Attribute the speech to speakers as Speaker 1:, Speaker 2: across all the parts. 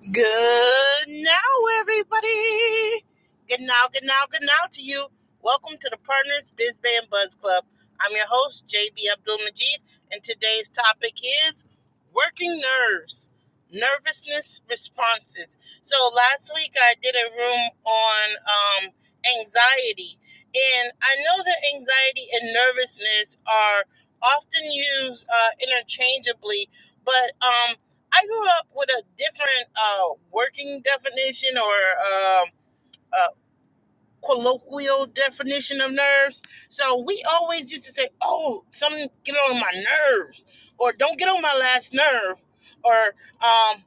Speaker 1: Good now, everybody. Good now, good now, good now to you. Welcome to the Partners Biz Band Buzz Club. I'm your host, JB Abdul Majid, and today's topic is working nerves, nervousness responses. So, last week I did a room on um, anxiety, and I know that anxiety and nervousness are often used uh, interchangeably, but um, I grew up with a different uh, working definition or um, a colloquial definition of nerves. So we always used to say, "Oh, something get on my nerves," or "Don't get on my last nerve," or um,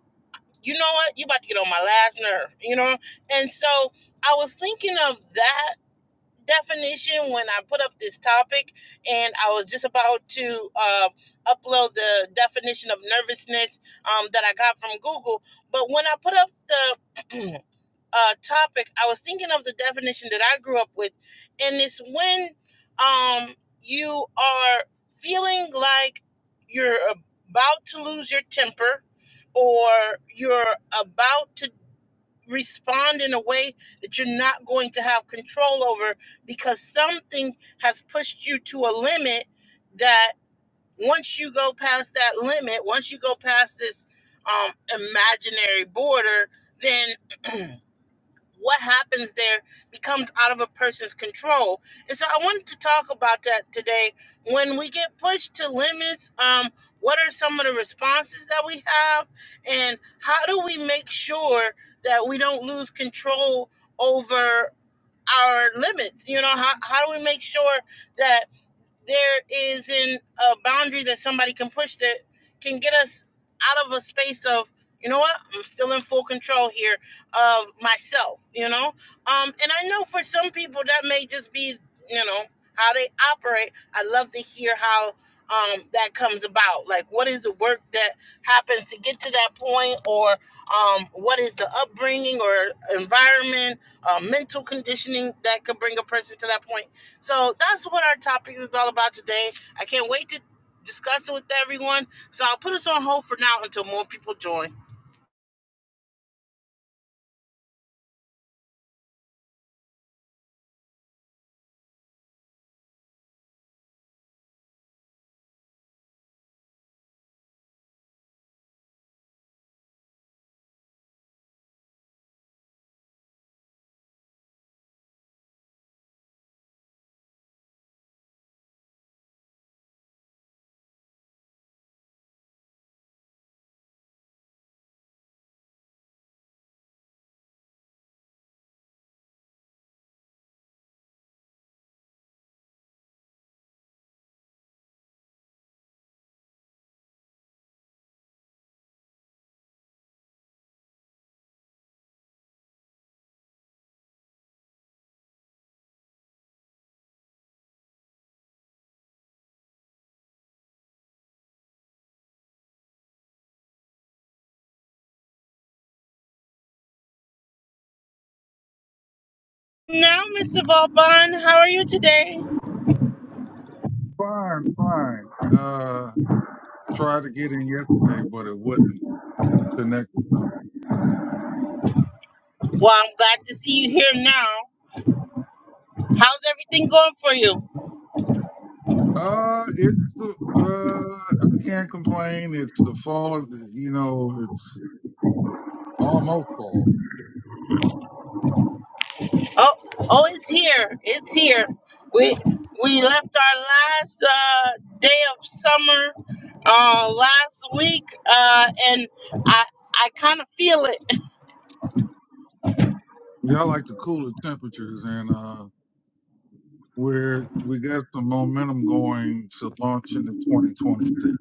Speaker 1: "You know what? You about to get on my last nerve," you know. And so I was thinking of that definition when I put up this topic, and I was just about to uh, upload the definition of nervousness um, that I got from Google. But when I put up the uh, topic, I was thinking of the definition that I grew up with, and it's when um, you are feeling like you're about to lose your temper or you're about to respond in a way that you're not going to have control over because something has pushed you to a limit that once you go past that limit, once you go past this um, imaginary border, then what happens there becomes out of a person's control. And so I wanted to talk about that today. When we get pushed to limits, um, what are some of the responses that we have? And how do we make sure that we don't lose control over our limits? You know, how, how do we make sure that? there isn't a boundary that somebody can push that can get us out of a space of you know what i'm still in full control here of myself you know um and i know for some people that may just be you know how they operate i love to hear how um that comes about like what is the work that happens to get to that point or um what is the upbringing or environment uh, mental conditioning that could bring a person to that point so that's what our topic is all about today. I can't wait to discuss it with everyone. So I'll put us on hold for now until more people join. Now, Mr. Vauban, how are you today?
Speaker 2: Fine, fine. Uh, tried to get in yesterday, but it wouldn't connect or something.
Speaker 1: Well, I'm glad to see you here now. How's everything going for you?
Speaker 2: Uh, it's the uh, I can't complain. It's the fall of the, you know, it's almost fall.
Speaker 1: Oh, oh, it's here. It's here. We we left our last uh, day of summer uh, last week, uh, and I I kind of feel it.
Speaker 2: Y'all like the cooler temperatures, and uh, we're we got some momentum going to launch into 2026.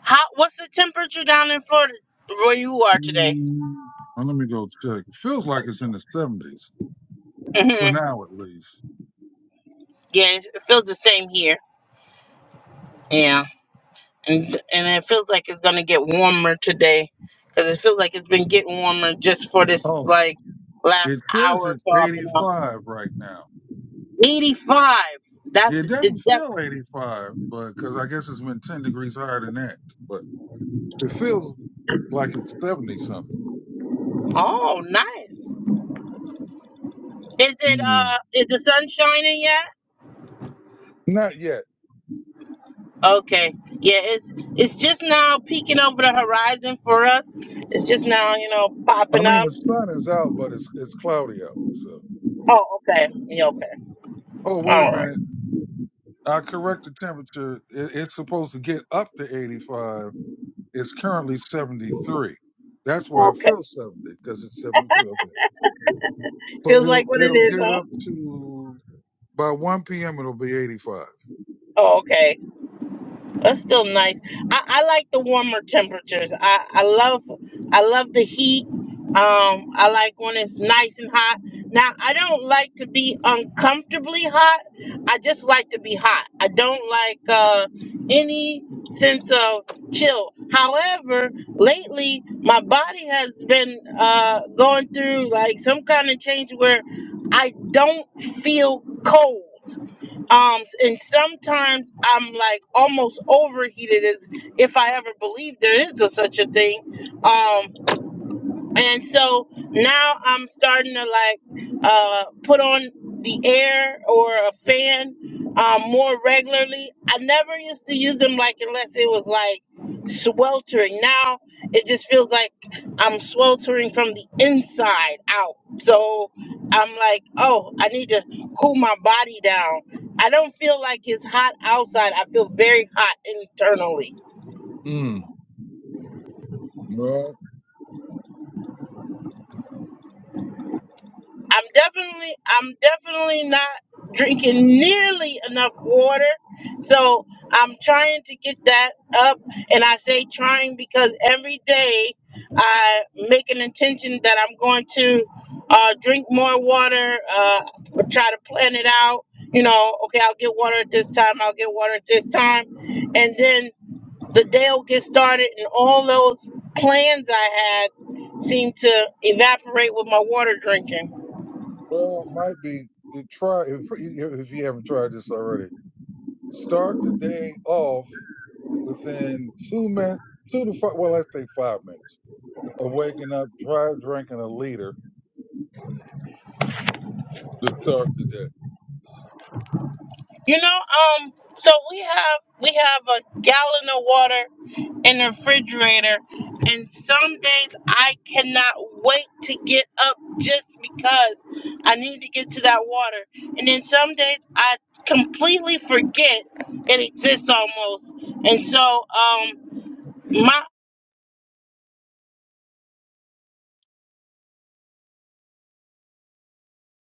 Speaker 1: How, what's the temperature down in Florida where you are today?
Speaker 2: Mm, uh, let me go check. It feels like it's in the 70s
Speaker 1: hmm
Speaker 2: for now, at least.
Speaker 1: Yeah, it feels the same here. Yeah, and and it feels like it's gonna get warmer today, cause it feels like it's been getting warmer just for this
Speaker 2: Oh,
Speaker 1: like
Speaker 2: it
Speaker 1: last
Speaker 2: says
Speaker 1: hour or
Speaker 2: it's
Speaker 1: so. I've been up.
Speaker 2: 85 right now.
Speaker 1: Eighty-five.
Speaker 2: Yeah,
Speaker 1: That's
Speaker 2: it
Speaker 1: the
Speaker 2: definitely
Speaker 1: depth.
Speaker 2: feel 85, but because I guess it's been 10 degrees higher than that. But it feels like it's 70 something.
Speaker 1: Oh, nice. Is it
Speaker 2: Mm.
Speaker 1: uh? Is the sun shining yet?
Speaker 2: Not yet.
Speaker 1: Okay. Yeah, it's it's just now peeking over the horizon for us. It's just now, you know,
Speaker 2: I
Speaker 1: popping
Speaker 2: mean,
Speaker 1: up.
Speaker 2: the sun is out, but it's it's cloudy out. So,
Speaker 1: Oh, okay. Yeah, okay.
Speaker 2: oh wait a
Speaker 1: All right.
Speaker 2: minute, I correct the temperature. It, it's supposed to get up to 85. It's currently 73. That's why it
Speaker 1: Okay.
Speaker 2: feels 70 because it's 73. Okay, so
Speaker 1: Feels like
Speaker 2: it'll
Speaker 1: what it
Speaker 2: it'll
Speaker 1: is,
Speaker 2: get
Speaker 1: huh?
Speaker 2: up to by 1 p.m. It'll be 85.
Speaker 1: Oh, okay. That's still nice. I, I like the warmer temperatures. I, I love I love the heat. Um, I like when it's nice and hot. Now I don't like to be uncomfortably hot. I just like to be hot. I don't like uh, any sense of chill. However, lately my body has been uh, going through like some kind of change where I don't feel cold. Um, and sometimes I'm like almost overheated as if I ever believed there is a, such a thing. Um, and so now I'm starting to like uh, put on the air or a fan um, more regularly. I never used to use them like unless it was like sweltering. Now it just feels like I'm sweltering from the inside out. So I'm like, oh, I need to cool my body down. I don't feel like it's hot outside. I feel very hot internally.
Speaker 2: Mm.
Speaker 1: I'm definitely I'm definitely not drinking nearly enough water. So I'm trying to get that up and I say trying because every day I make an intention that I'm going to uh, drink more water, uh, try to plan it out. You know, okay, I'll get water at this time, I'll get water at this time. And then the day will get started, and all those plans I had seem to evaporate with my water drinking.
Speaker 2: Well, it might be you try if, if you haven't tried this already. Start the day off within two minutes, two to five. Well, let's say five minutes of waking up. Try drinking a liter to start the day.
Speaker 1: You know, um, so we have we have a gallon of water in the refrigerator, and some days I cannot wait to get up just because I need to get to that water. And then some days I completely forget it exists almost. And so um my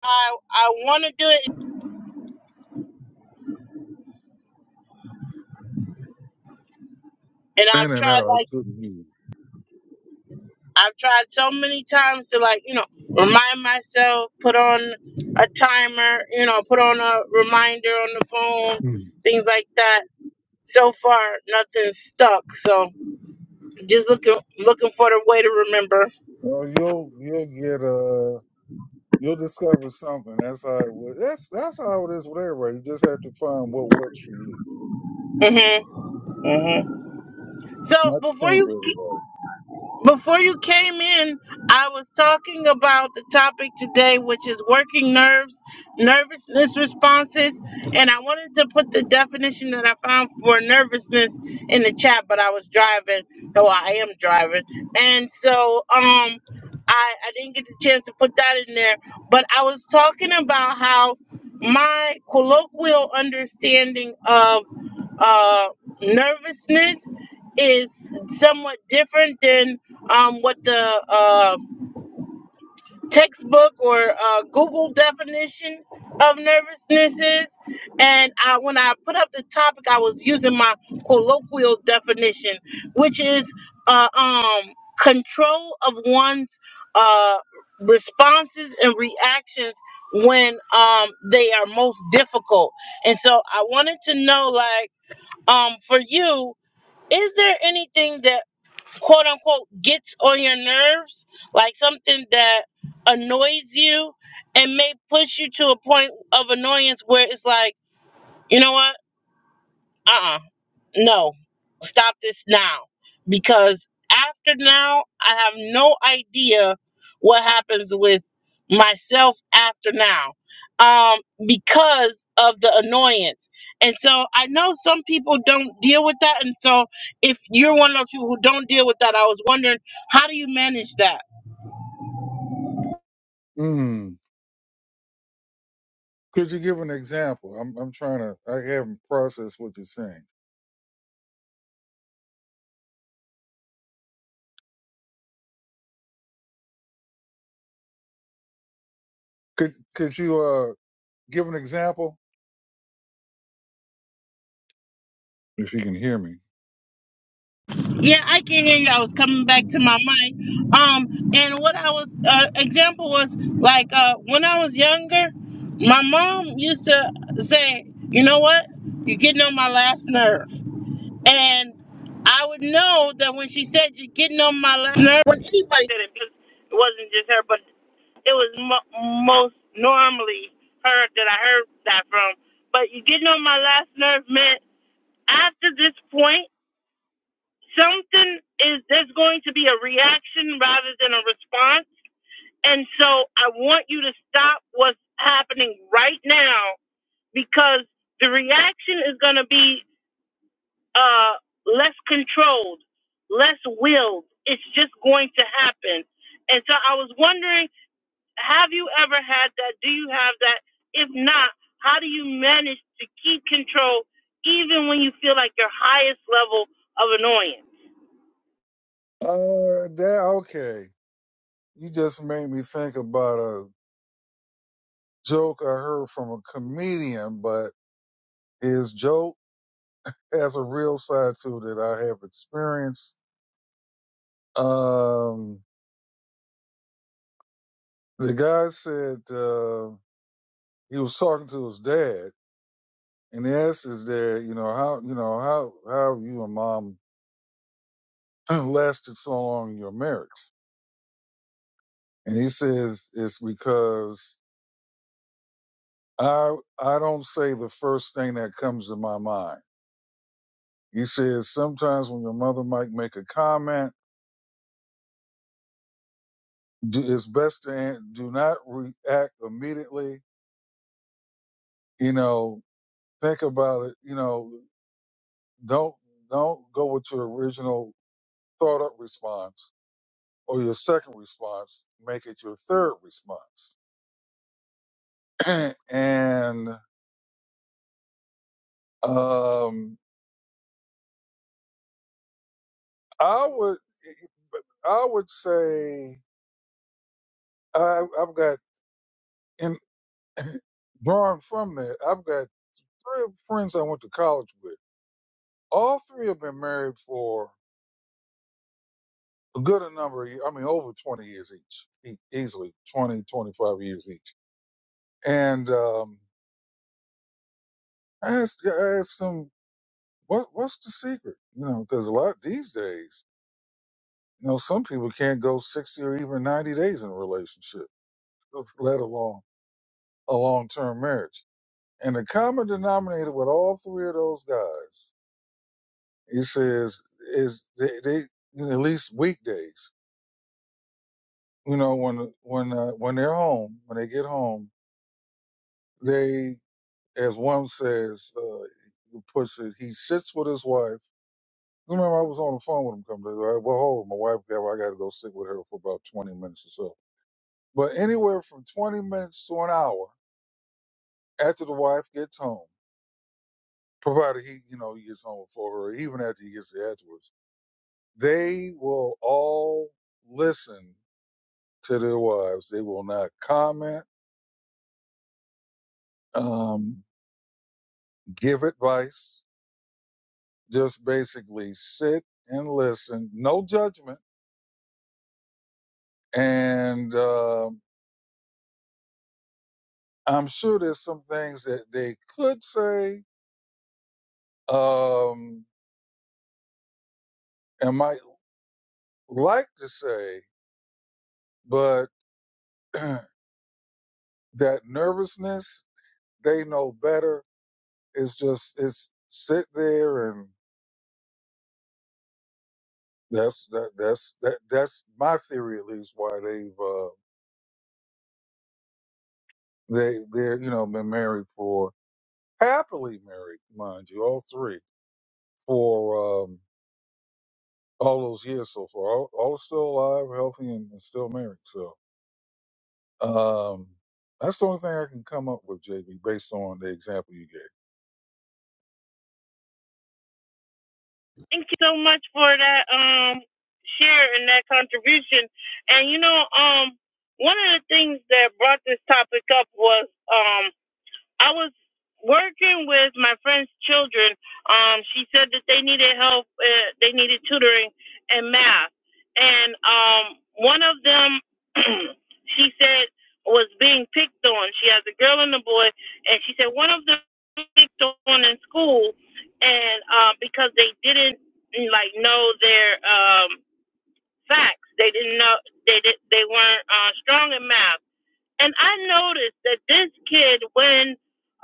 Speaker 1: I I want to do it, and
Speaker 2: In
Speaker 1: I've
Speaker 2: and out,
Speaker 1: tried
Speaker 2: I
Speaker 1: like.
Speaker 2: couldn't hear. You.
Speaker 1: I've tried so many times to like, you know, remind myself, put on a timer, you know, put on a reminder on the phone,
Speaker 2: Mm.
Speaker 1: things like that. So far, nothing's stuck. So just looking looking for the way to remember.
Speaker 2: Well, you'll you'll get uh you'll discover something. That's how it was. That's that's how it is with everybody. You just have to find what works for you,
Speaker 1: Mhm. Mhm. So
Speaker 2: not the
Speaker 1: before
Speaker 2: same
Speaker 1: you
Speaker 2: for everybody.
Speaker 1: Before you came in, I was talking about the topic today, which is working nerves, nervousness responses, and I wanted to put the definition that I found for nervousness in the chat, but I was driving. No, I am driving, and so um, I I didn't get the chance to put that in there. But I was talking about how my colloquial understanding of uh nervousness is somewhat different than um, what the uh, textbook or uh, Google definition of nervousness is. And I, when I put up the topic, I was using my colloquial definition, which is uh, um, control of one's uh, responses and reactions when um, they are most difficult. And so I wanted to know, like, um, for you, is there anything that quote unquote gets on your nerves, like something that annoys you and may push you to a point of annoyance where it's like, you know what? Uh uh no, stop this now. Because after now, I have no idea what happens with myself after now um, because of the annoyance. And so I know some people don't deal with that. And so if you're one of those people who don't deal with that, I was wondering, how do you manage that?
Speaker 2: Mm. Could you give an example? I'm I'm trying to. I haven't processed what you're saying. Could could you uh give an example if you can hear me?
Speaker 1: Yeah, I can hear you. I was coming back
Speaker 2: Uh,
Speaker 1: to my mind. Um, and what I was uh, example was like uh, when I was younger, my mom used to say, "You know what? You're getting on my last nerve," and I would know that when she said you're getting on my last nerve, when anybody said it, because it wasn't just her, but it was mo- most normally her that I heard that from. But you're getting on my last nerve meant after this point something is there's going to be a reaction rather than a response. And so I want you to stop what's happening right now because the reaction is going to be uh, less controlled, less willed. It's just going to happen. And so I was wondering, have you ever had that? Do you have that? If not, how do you manage to keep control even when you feel like your highest level of annoyance?
Speaker 2: that okay. You just made me think about a joke I heard from a comedian, but his joke has a real side to it that I have experienced. Um, the guy said uh, he was talking to his dad, and he asked his dad, you know, how you know how how have you and mom lasted so long in your marriage, and he says it's because I I don't say the first thing that comes to my mind. He says sometimes when your mother might make a comment, do, it's best to an- do not react immediately. You know, think about it. You know, don't don't go with your original thought up response or your second response. Make it your third response. and um, I would I would say I, I've got in. Drawing from that, I've got three friends I went to college with. All three have been married for a good a number of years. I mean, over 20 years each, e- easily 20, 25 years each. And um, I asked, I asked them, what, what's the secret? You know, because a lot these days, you know, some people can't go 60 or even 90 days in a relationship, let alone a long term marriage. And the common denominator with all three of those guys He says is they, they at least weekdays. You know when when uh, when they're home when they get home they as one says uh, he puts it he sits with his wife. Remember I was on the phone with him. Come to well hold on, my wife got I got to go sit with her for about twenty minutes or so. But anywhere from twenty minutes to an hour after the wife gets home, provided he you know he gets home before her, even after he gets there afterwards, they will all listen to their wives. They will not comment, um, give advice, just basically sit and listen, no judgment. And um I'm sure there's some things that they could say um, and might like to say, but that nervousness, they know better. It's just, it's sit there and that's that that's that that's my theory at least why they've uh, They they're you know been married for happily married, mind you, all three for um, all those years so far. All, all still alive, healthy, and, and still married. So um, that's the only thing I can come up with, JB, based on the example you gave.
Speaker 1: Thank you so much for that um share and that contribution. And you know, um, one of the things that brought this topic up was um, I was working with my friend's children. Um, she said that they needed help. Uh, they needed tutoring in math, and um, one of them, she said, was being picked on. She has a girl and a boy, and she said one of them was picked on in school, and um, because they didn't like know their um, facts, they didn't know they did, they weren't uh, strong in math and I noticed that this kid, when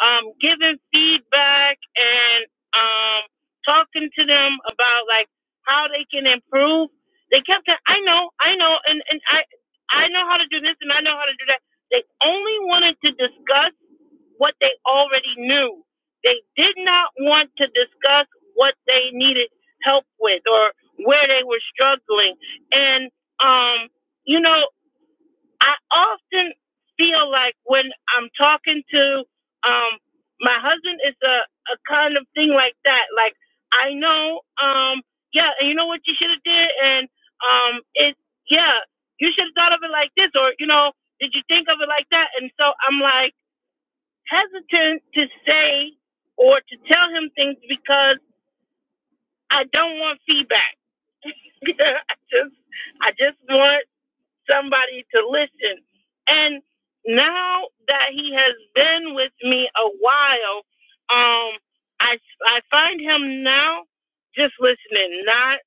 Speaker 1: um, giving feedback and um, talking to them about like how they can improve, they kept saying, "I know, I know, and and I I know how to do this, and I know how to do that." They only wanted to discuss what they already knew. They did not want to discuss what they needed help with or where they were struggling. And um, you know, I often feel like when I'm talking to um my husband it's a, a kind of thing like that. Like I know, um, yeah, and you know what you should have did and um it yeah, you should have thought of it like this or, you know, did you think of it like that? And so I'm like hesitant to say or to tell him things because I don't want feedback. I just I just want somebody to listen. And now that he has been with me a while, um, I I find him now just listening, not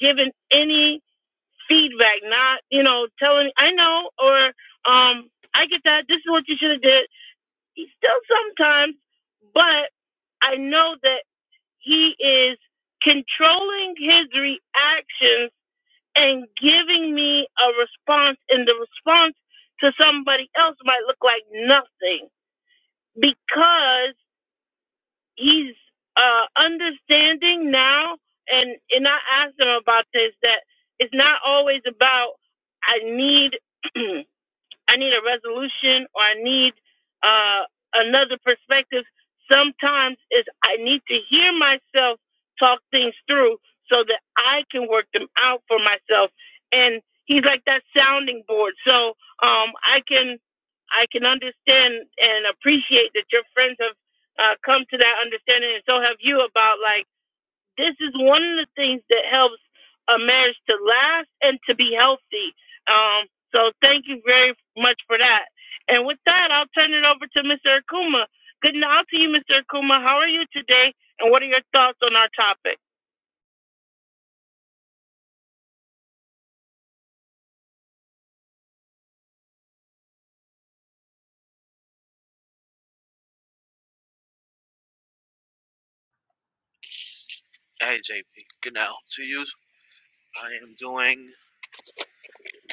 Speaker 1: giving any feedback, not you know telling I know or um I get that this is what you should have did. He still sometimes, but I know that he is controlling his reactions and giving me a response, and the response to somebody else might look like nothing because he's uh, understanding now. And and I asked him about this that it's not always about I need. I need a resolution or I need uh, another perspective. Sometimes is I need to hear myself talk things through so that I can work them out for myself. And he's like that sounding board. So um, I can I can understand and appreciate that your friends have uh, come to that understanding, and so have you about like this is one of the things that helps a marriage to last and to be healthy. Um, so thank you very much for that. And with that, I'll turn it over to Mr. Akuma. Good night to you, Mr. Akuma. How are you today? And what are your thoughts on our topic?
Speaker 3: Hey JP, good now to you. I am doing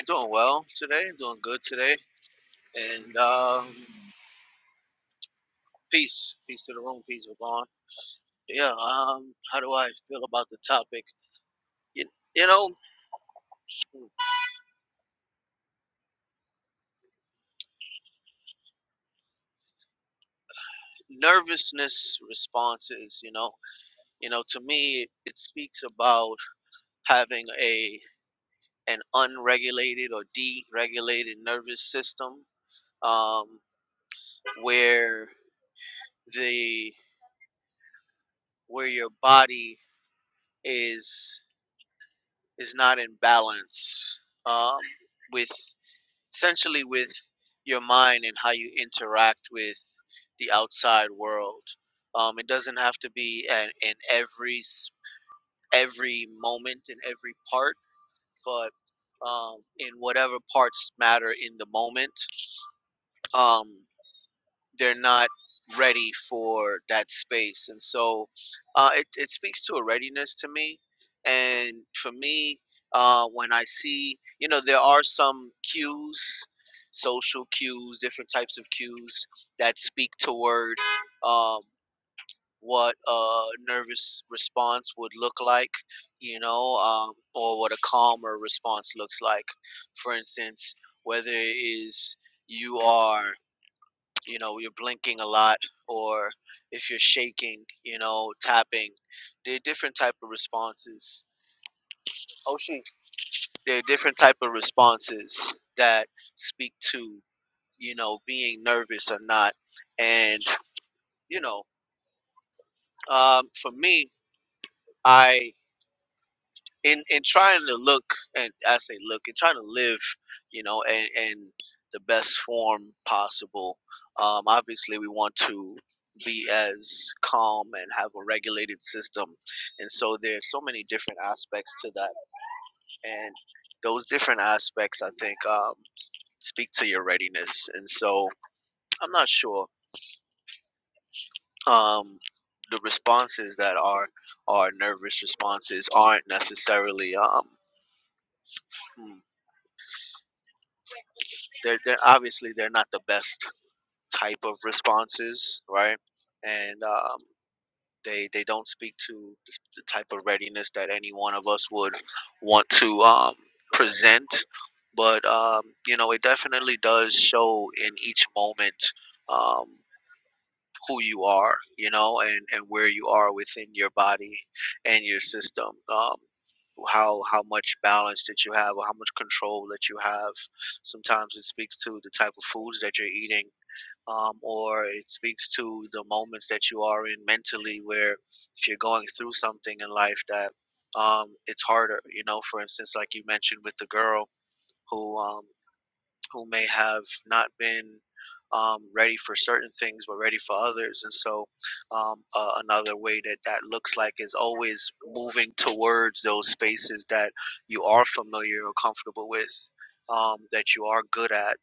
Speaker 3: doing well today, doing good today, and um, peace, peace to the room, peace with on. Yeah, um, how do I feel about the topic? You, you know, nervousness responses. You know, you know, to me, it speaks about having a an unregulated or deregulated nervous system, um, where the where your body is is not in balance um, with essentially with your mind and how you interact with the outside world. Um, it doesn't have to be an, in every every moment in every part, but um, in whatever parts matter in the moment. Um, they're not ready for that space and so uh, it, it speaks to a readiness to me and for me uh, when i see you know there are some cues social cues different types of cues that speak toward um, what a nervous response would look like you know um, or what a calmer response looks like for instance whether it is you are you know you're blinking a lot or if you're shaking you know tapping there are different type of responses oh she there are different type of responses that speak to you know being nervous or not and you know um, for me I. in in trying to look and I say look and trying to live, you know, and and the best form possible. Um, obviously, we want to be as calm and have a regulated system, and so there's so many different aspects to that, and those different aspects I think um, speak to your readiness, and so I'm not sure um, the responses that are are nervous responses aren't necessarily. Um, hmm, they're they're obviously they're not the best type of responses, right? And um, they they don't speak to the s- the type of readiness that any one of us would want to um, present. But um, you know, it definitely does show in each moment. Um, who you are, you know, and, and where you are within your body and your system. Um, how how much balance that you have or how much control that you have. Sometimes it speaks to the type of foods that you're eating, um, or it speaks to the moments that you are in mentally where if you're going through something in life that um, it's harder, you know, for instance, like you mentioned with the girl who um, who may have not been um, ready for certain things but ready for others and so um, uh, another way that that looks like is always moving towards those spaces that you are familiar or comfortable with um, that you are good at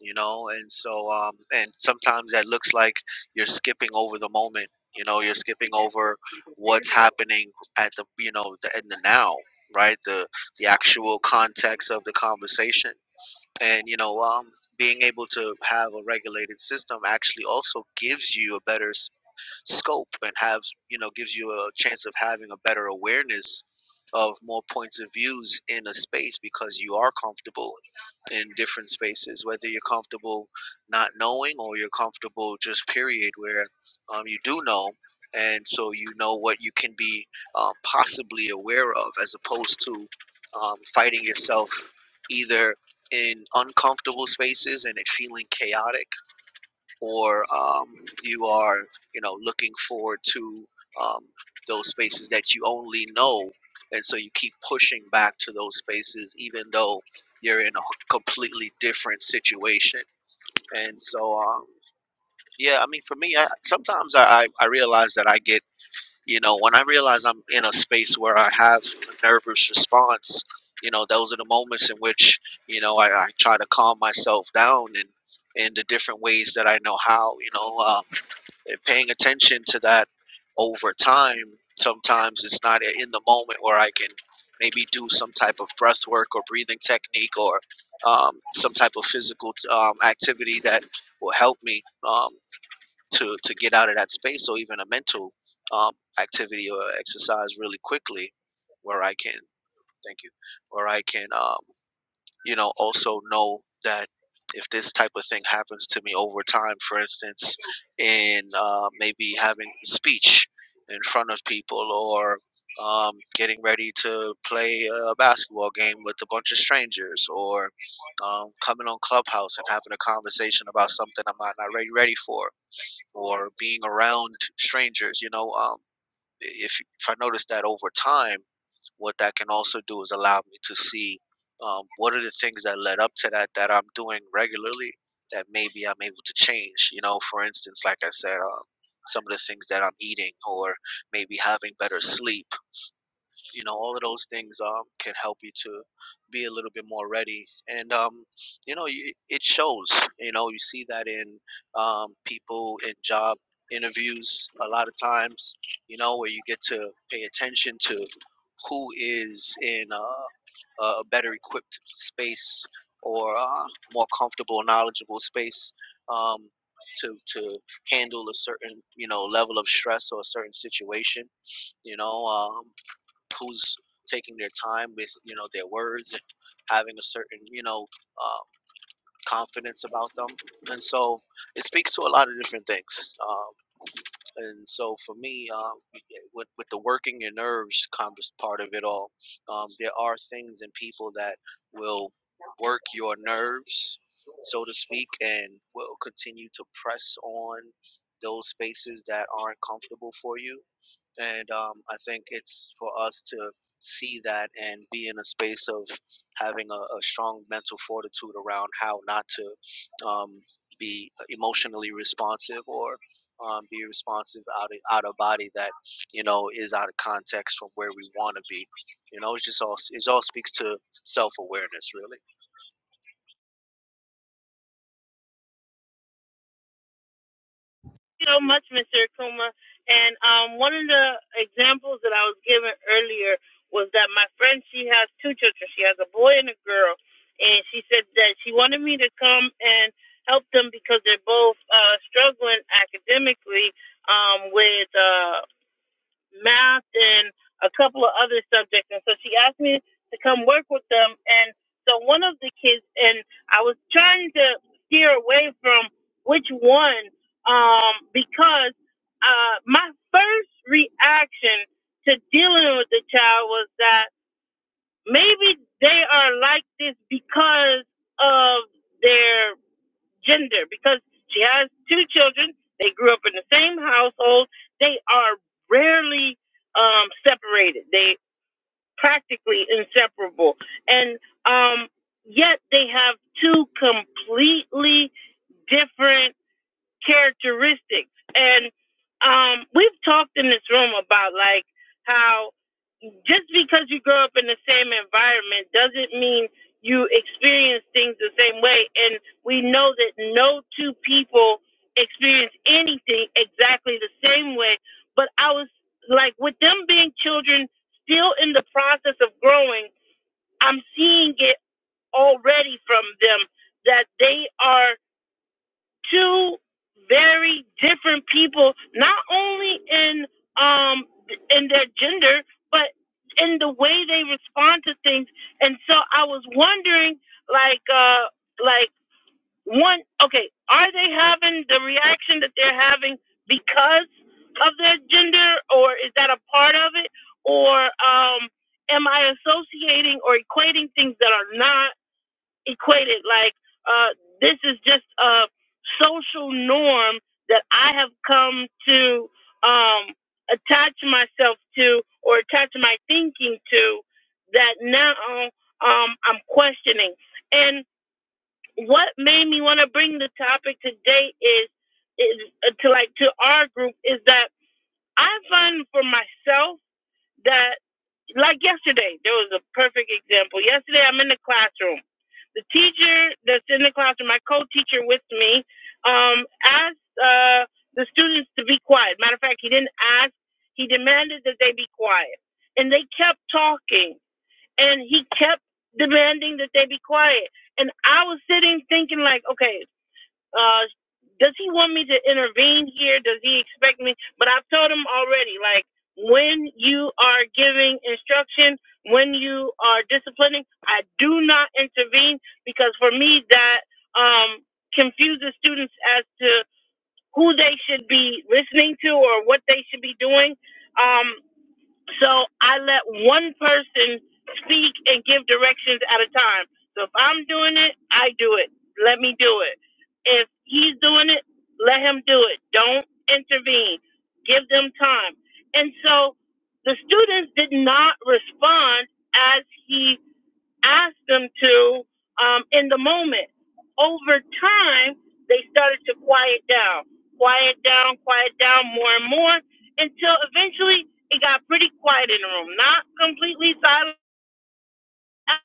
Speaker 3: you know and so um, and sometimes that looks like you're skipping over the moment you know you're skipping over what's happening at the you know the, in the now right the the actual context of the conversation and you know um, being able to have a regulated system actually also gives you a better s- scope and have you know gives you a chance of having a better awareness of more points of views in a space because you are comfortable in different spaces, whether you're comfortable not knowing or you're comfortable just period where um, you do know. And so you know what you can be uh, possibly aware of as opposed to um, fighting yourself either in uncomfortable spaces and it feeling chaotic or um, you are, you know, looking forward to um, those spaces that you only know, and so you keep pushing back to those spaces, even though you're in a completely different situation. And so, um, yeah, I mean, for me, I, sometimes I, I I realize that I get, you know, when I realize I'm in a space where I have a nervous response, you know, those are the moments in which, you know, I, I try to calm myself down and in the different ways that I know how, you know. um, and paying attention to that over time sometimes it's not in the moment where i can maybe do some type of breath work or breathing technique or um, some type of physical um, activity that will help me um, to, to get out of that space or even a mental um, activity or exercise really quickly where i can thank you where i can um, you know, also know that if this type of thing happens to me over time, for instance, in uh, maybe having speech in front of people or um, getting ready to play a basketball game with a bunch of strangers or um, coming on Clubhouse and having a conversation about something I'm not not ready, ready for or being around strangers, you know, um, if, if I notice that over time, what that can also do is allow me to see um, what are the things that led up to that that I'm doing regularly that maybe I'm able to change. You know, for instance, like I said, um, some of the things that I'm eating or maybe having better sleep you know all of those things um, can help you to be a little bit more ready and um, you know you, it shows you know you see that in um, people in job interviews a lot of times you know where you get to pay attention to who is in a, a better equipped space or uh, more comfortable knowledgeable space um, to, to handle a certain you know level of stress or a certain situation you know um who's taking their time with you know their words and having a certain you know uh, confidence about them and so it speaks to a lot of different things um, and so for me um, with, with the working your nerves converse part of it all um, there are things and people that will work your nerves so to speak and will continue to press on those spaces that aren't comfortable for you and um, I think it's for us to see that and be in a space of having a, a strong mental fortitude around how not to um, be emotionally responsive or um, be responsive out of, out of body that you know is out of context from where we want to be. You know, it's just all it all speaks to self awareness, really.
Speaker 1: so much, Mr. Akuma. And um, one of the examples that I was given earlier was that my friend, she has two children. She has a boy and a girl. And she said that she wanted me to come and help them because they're both uh, struggling academically um, with uh, math and a couple of other subjects. And so she asked me to come work with them. And so one of the kids, and I was trying to steer away from which one, um, because uh, my first reaction to dealing with the child was that maybe they are like this because of their gender because she has two children. They grew up in the same household. They are rarely um, separated. They practically inseparable, and um, yet they have two completely different characteristics. And um, we've talked in this room about like how just because you grow up in the same environment doesn't mean you experience things the same way. And we know that no two people experience anything exactly the same way. But I was like, with them being children, still in the process of growing, I'm seeing it already from them that they are two very different people, not only in um in their gender, but in the way they respond to things. And so I was wondering, like, uh, like one, okay, are they having the reaction that they're having because of their gender, or is that a part of it, or um, am I associating or equating things that are not? Equated like uh, this is just a social norm that I have come to um, attach myself to or attach my thinking to that now um, I'm questioning. And what made me want to bring the topic today is, is uh, to like to our group is that I find for myself that like yesterday, there was a perfect example. Yesterday, I'm in the classroom. The teacher that's in the classroom, my co-teacher with me, um, asked uh, the students to be quiet. Matter of fact, he didn't ask; he demanded that they be quiet, and they kept talking, and he kept demanding that they be quiet. And I was sitting thinking, like, okay, uh, does he want me to intervene here? Does he expect me? But I've told him already, like, when you are giving instruction, when you are disciplining, I do not intervene because for me that um, confuses students as to who they should be listening to or what they should be doing. Um, so I let one person speak and give directions at a time. So if I'm doing it, I do it. Let me do it. If he's doing it, let him do it. Don't intervene. Give them time. And so the students did not respond as he asked them to um, in the moment. Over time, they started to quiet down, quiet down, quiet down more and more until eventually it got pretty quiet in the room. Not completely silent as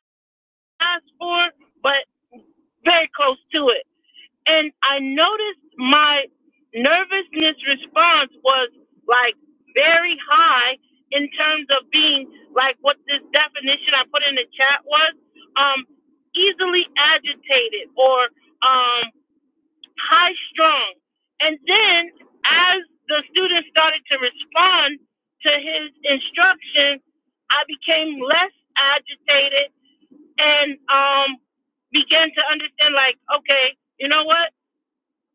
Speaker 1: asked for, but very close to it and I noticed my nervousness response was like very high in terms of being like what this definition I put in the chat was um, easily agitated or um, high strung. And then as the student started to respond to his instruction, I became less agitated and um, began to understand like, okay, you know what?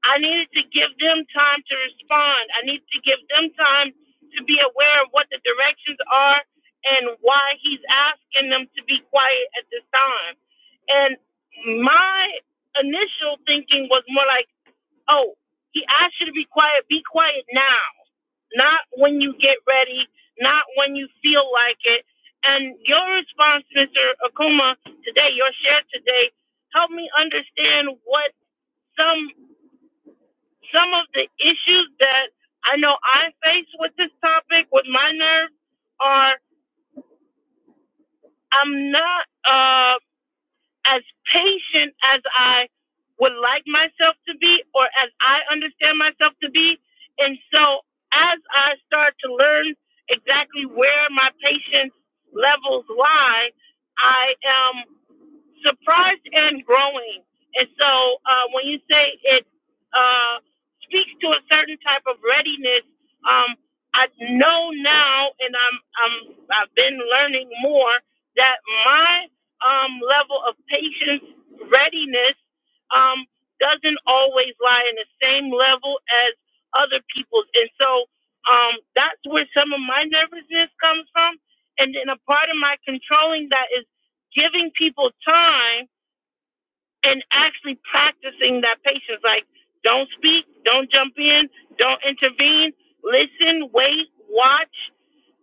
Speaker 1: I needed to give them time to respond. I needed to give them time to be aware of what the directions are and why he's asking them to be quiet at this time. And my initial thinking was more like, oh, he asked you to be quiet, be quiet now, not when you get ready, not when you feel like it. And your response, Mr. Akuma, today, your share today, helped me understand what some some of the issues that I know I face with this topic, with my nerves, are I'm not uh, as patient as I would like myself to be or as I understand myself to be. And so as I start to learn exactly where my patience levels lie, I am surprised and growing. And so uh, when you say it uh, speaks to a certain type of readiness, um, I know now, and I'm, I'm I've been learning more that my um, level of patience readiness um, doesn't always lie in the same level as other people's, and so um, that's where some of my nervousness comes from. And then a part of my controlling that is giving people time and actually practicing that patience. Like, don't speak, don't jump in, don't intervene, listen, wait, watch,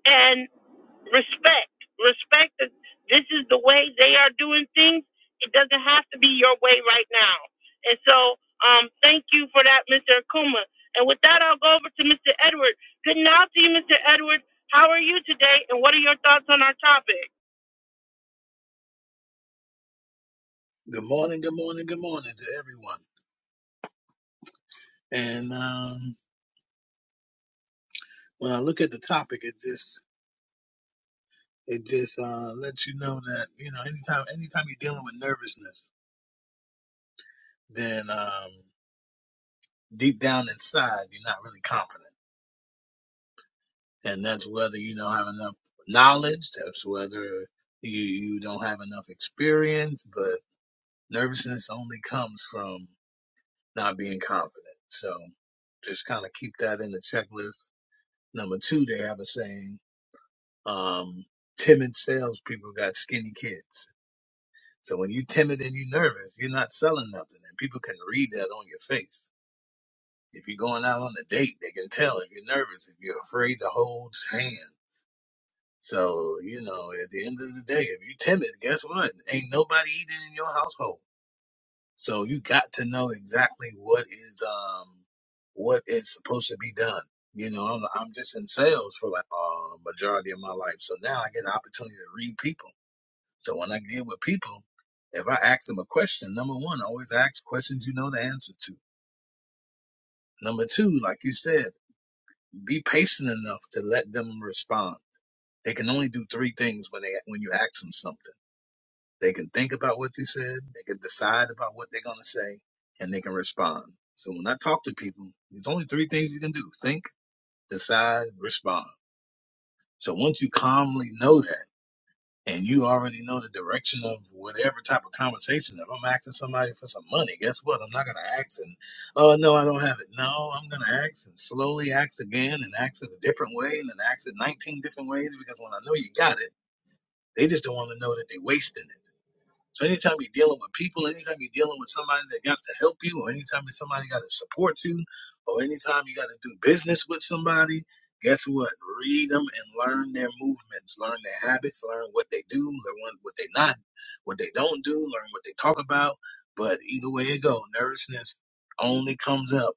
Speaker 1: and respect. Respect that this is the way they are doing things. It doesn't have to be your way right now. And so, um, thank you for that, Mr. Akuma. And with that, I'll go over to Mr. Edward. Good night to you, Mr. Edward. How are you today, and what are your thoughts on our topic?
Speaker 4: Good morning, good morning, good morning to everyone. And um, when I look at the topic, it just it just uh, lets you know that you know anytime anytime you're dealing with nervousness, then um, deep down inside you're not really confident, and that's whether you don't have enough knowledge, that's whether you you don't have enough experience. But nervousness only comes from not being confident. So just kind of keep that in the checklist. Number two, they have a saying. um, timid salespeople got skinny kids. So when you're timid and you're nervous, you're not selling nothing, and people can read that on your face. If you're going out on a date, they can tell if you're nervous, if you're afraid to hold hand. So you know, at the end of the day, if you're timid, guess what? Ain't nobody eating in your household. So you got to know exactly what is um what is supposed to be done. You know, I'm, I'm just in sales for like uh, majority of my life, so now I get an opportunity to read people. So when I deal with people, if I ask them a question, number one, always ask questions you know the answer to. Number two, like you said, be patient enough to let them respond. They can only do three things when they when you ask them something. They can think about what you said, they can decide about what they're gonna say, and they can respond. So when I talk to people, there's only three things you can do: think, decide, respond. So once you calmly know that. and you already know the direction of whatever type of conversation. If I'm asking somebody for some money, guess what? I'm not gonna ask and oh no, I don't have it. No, I'm gonna ask and slowly ask again and ask it a different way and then ask it 19 different ways because when I know you got it, they just don't want to know that they are wasting it. So anytime you're dealing with people, anytime you're dealing with somebody that got to help you, or anytime that somebody got to support you, or anytime you got to do business with somebody, guess what? Read them and learn their movements, learn their habits, learn what they do, learn what they not, what they don't do, learn what they talk about. But either way it go, nervousness only comes up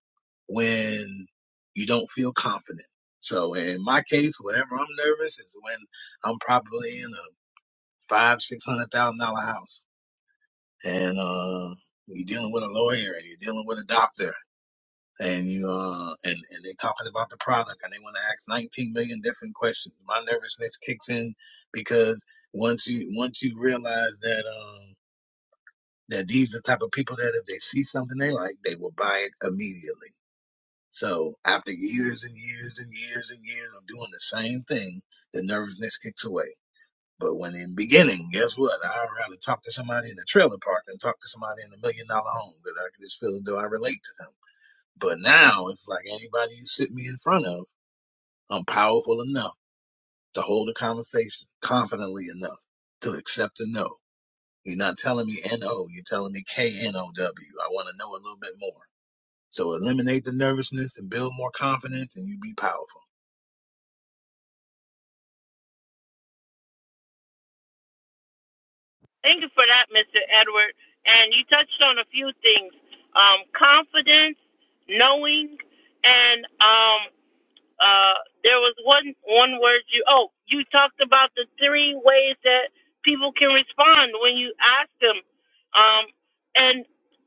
Speaker 4: when you don't feel confident. So in my case, whenever I'm nervous is when I'm probably in a five, six hundred thousand dollar house and uh, you're dealing with a lawyer and you're dealing with a doctor and you uh and and they talking about the product and they want to ask 19 million different questions my nervousness kicks in because once you once you realize that um that these are the type of people that if they see something they like they will buy it immediately so after years and years and years and years of doing the same thing the nervousness kicks away but when in beginning, guess what? I'd rather talk to somebody in the trailer park than talk to somebody in a million dollar home because I can just feel as though I relate to them. But now it's like anybody you sit me in front of, I'm powerful enough to hold a conversation confidently enough to accept a no. You're not telling me N-O, you're telling me K-N-O-W. I want to know a little bit more. So eliminate the nervousness and build more confidence and you be powerful.
Speaker 1: Thank you for that, Mr. Edward. And you touched on a few things: um, confidence, knowing, and um, uh, there was one one word you oh you talked about the three ways that people can respond when you ask them um and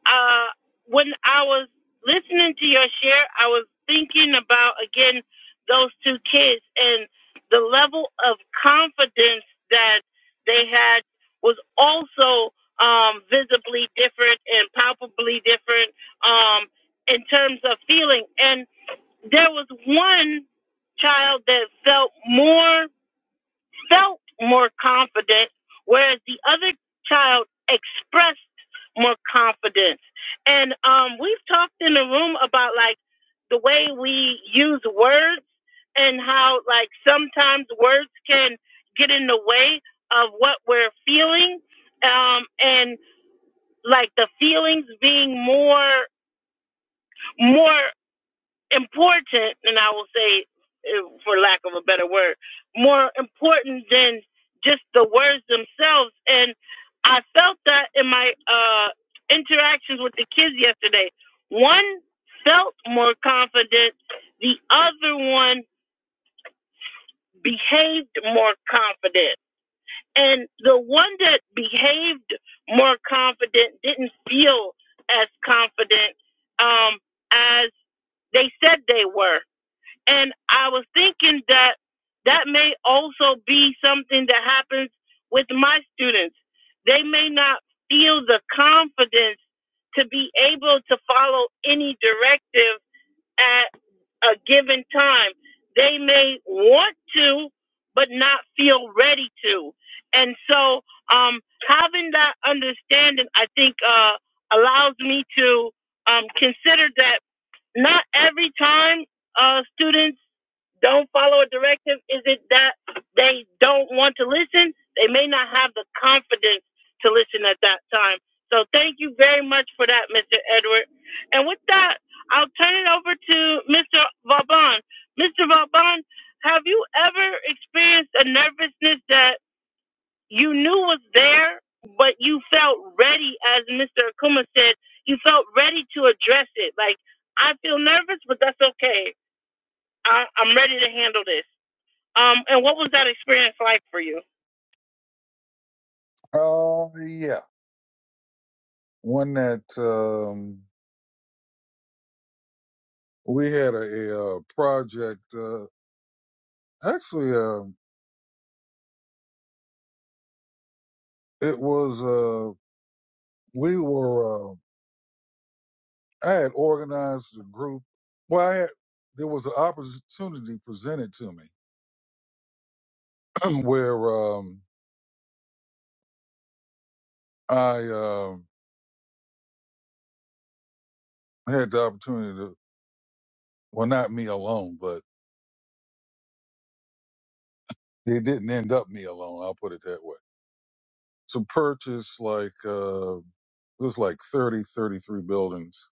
Speaker 1: uh when i was listening to your share i was thinking about again those two kids and the level of confidence that they had was also um visibly different and palpably different um in terms of feeling and there was one child that felt more felt more confident whereas the other child expressed more confidence and um we've talked in the room about like the way we use words and how like sometimes words can get in the way of what we're feeling um and like the feelings being more more important, and I will say, eh, for lack of a better word, more important than just the words themselves. And I felt that in my uh, interactions with the kids yesterday. One felt more confident, the other one behaved more confident. And the one that behaved more confident didn't feel as confident um, as they said they were and I was thinking that that may also be something that happens with my students. They may not feel the confidence to be able to follow any directive at a given time. They may want to, but not feel ready to. And so, um, having that understanding, I think, uh, allows me to um, consider that not every time uh, students don't follow a directive? Is it that they don't want to listen? They may not have the confidence to listen at that time. So thank you very much for that, Mr. Edward. And with that, I'll turn it over to Mr. Vauban. Mr. Vauban, have you ever experienced a nervousness that you knew was there, but you felt ready, as Mr. Akuma said, you felt ready to address it? Like, I feel nervous, but that's okay. I, I'm ready to handle this. Um, and what was that experience like for you?
Speaker 2: Uh, yeah, one that um, we had a, a, uh project. Uh, actually, uh, it was uh, we were. Uh, I had organized a group. Well, I had, there was an opportunity presented to me where um, I um had the opportunity to, well, not me alone, but it didn't end up me alone. I'll put it that way. To purchase like, uh, it was like 30, 33 buildings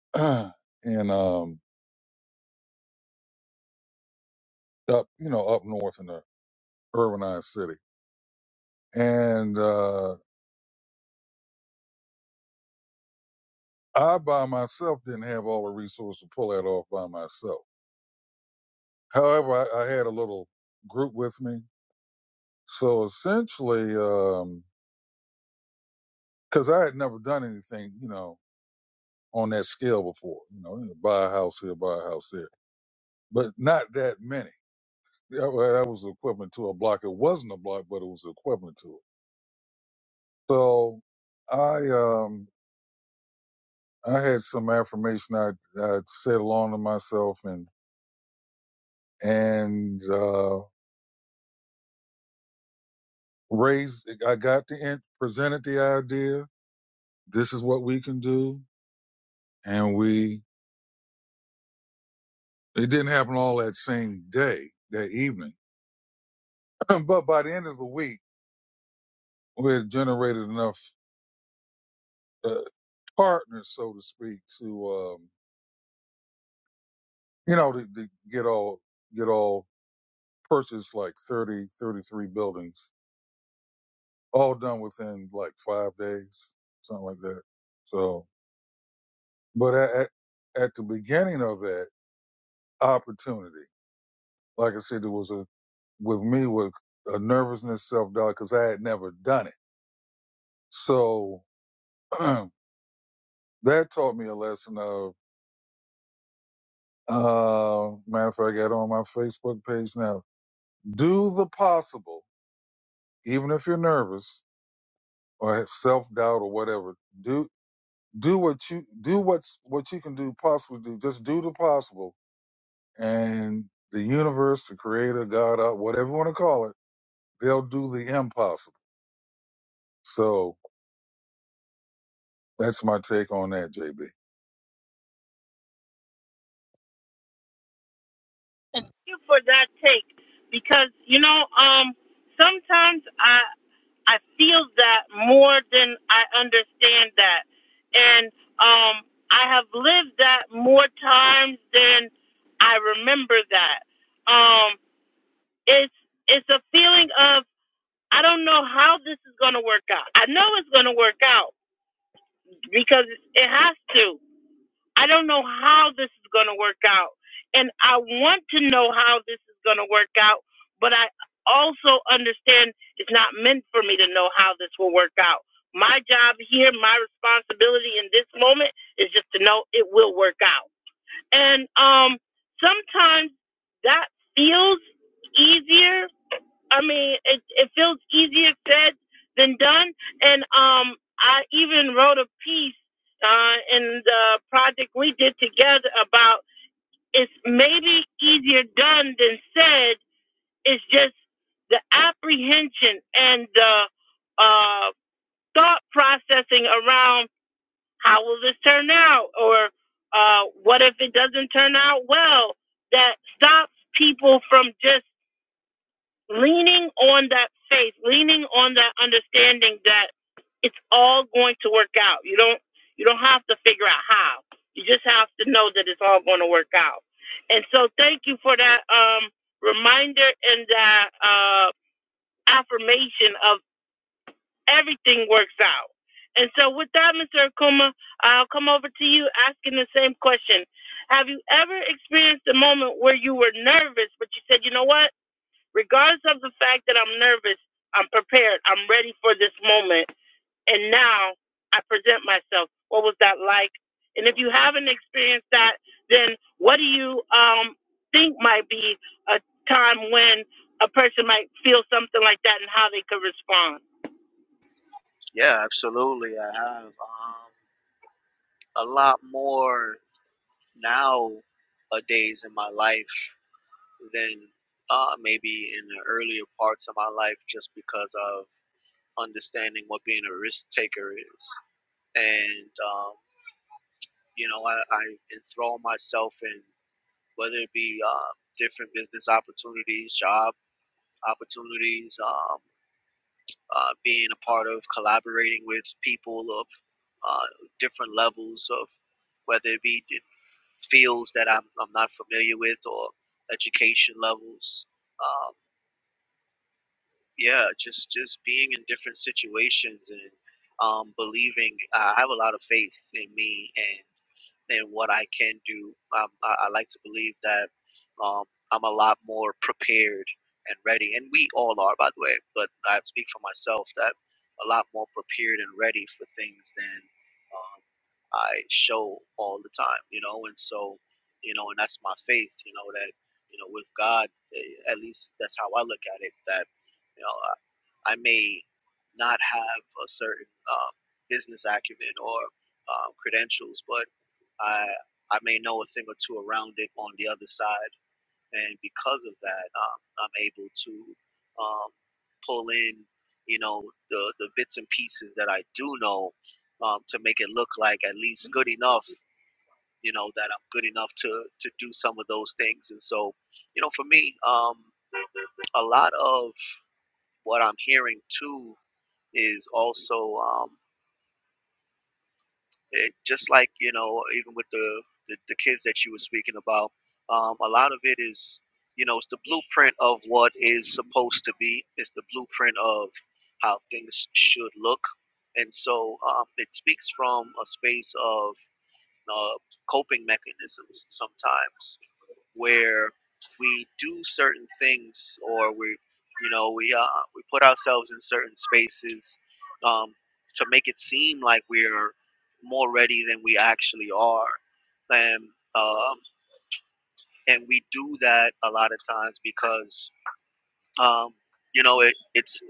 Speaker 2: in, um, up, you know, up north in the urbanized city. And, uh, I by myself didn't have all the resources to pull that off by myself. However, I, I had a little group with me. So essentially, because I had never done anything, you know, on that scale before, you know, buy a house here, buy a house there, but not that many. That, wa- that was equivalent to a block. It wasn't a block, but it was equivalent to it. So I, um, I had some affirmation I, I said along to myself and, and, uh, raised, I got the, in- presented the idea. This is what we can do. And we It didn't happen all that same day, that evening. but by the end of the week, we had generated enough uh, partners, so to speak, to, um, you know, to, to get all, get all purchased like 30, 33 buildings, all done within like five days, something like that. So, but at, at, the beginning of that opportunity, like I said, there was a, with me, with a nervousness, self doubt, because I had never done it. So, I that taught me a lesson of uh matter of fact I got it on my Facebook page now. Do the possible, even if you're nervous or have self doubt or whatever, do do what you do what's what you can do possible to do. Just do the possible and the universe, the creator, God, uh, whatever you want to call it, they'll do the impossible. So that's my take on that, JB.
Speaker 1: Thank you for that take, because you know, um, sometimes I I feel that more than I understand that, and um, I have lived that more times than I remember that. Um, it's it's a feeling of I don't know how this is going to work out. I know it's going to work out because it has to. I don't know how this is going to work out. And I want to know how this is going to work out, but I also understand it's not meant for me to know how this will work out. My job here, my responsibility in this moment is just to know it will work out. And um, sometimes that feels easier I mean, it it feels easier said than done. And um, I even wrote a piece uh, in the project we did together about it's maybe easier done than said. It's just the apprehension and the uh, thought processing around how will this turn out, or uh, what if it doesn't turn out well, that stops people from just leaning on that faith, leaning on that understanding that it's all going to work out. You don't you don't have to figure out how. You just have to know that it's all going to work out. And so thank you for that um reminder and that uh affirmation of everything works out. And so with that, Mr. Akuma, I'll come over to you asking the same question. Have you ever experienced a moment where you were nervous, but you said, you know what? regardless of the fact that I'm nervous, I'm prepared, I'm ready for this moment, and now I present myself. What was that like? And if you haven't experienced that, then what do you um, think might be a time when a person might? Um,
Speaker 3: Yeah, absolutely. I have um, a lot more nowadays in my life than uh, maybe in the earlier parts of my life just because of understanding what being a risk taker is. And, um, you know, I, I enthrall myself in whether it be uh, different business opportunities, job opportunities, um, uh, being a part of collaborating with people of uh, different levels of whether it be fields that I'm, I'm not familiar with or education levels. Um, yeah just just being in different situations and um believing i have a lot of faith in me and and what i can do um, I, I like to believe that um i'm a lot more prepared and ready and we all are by the way but i speak for myself that a lot more prepared and ready for things than um, i show all the time you know and so you know and that's my faith you know that you know with god eh, at least that's how i look at it that you know, I, I may not have a certain um, business acumen or um, credentials, but I I may know a thing or two around it on the other side, and because of that, um, I'm able to um, pull in, you know, the the bits and pieces that I do know um, to make it look like at least good enough, you know, that I'm good enough to to do some of those things. And so, you know, for me, um, a lot of what I'm hearing too is also um, it, just like you know even with the, the the kids that you were speaking about um, a lot of it is you know it's the blueprint of what is supposed to be it's the blueprint of how things should look and so um, it speaks from a space of uh, coping mechanisms sometimes where we do certain things or we you know we uh, we put ourselves in certain spaces um, to make it seem like we're more ready than we actually are and um, and we do that a lot of times because um, you know it it's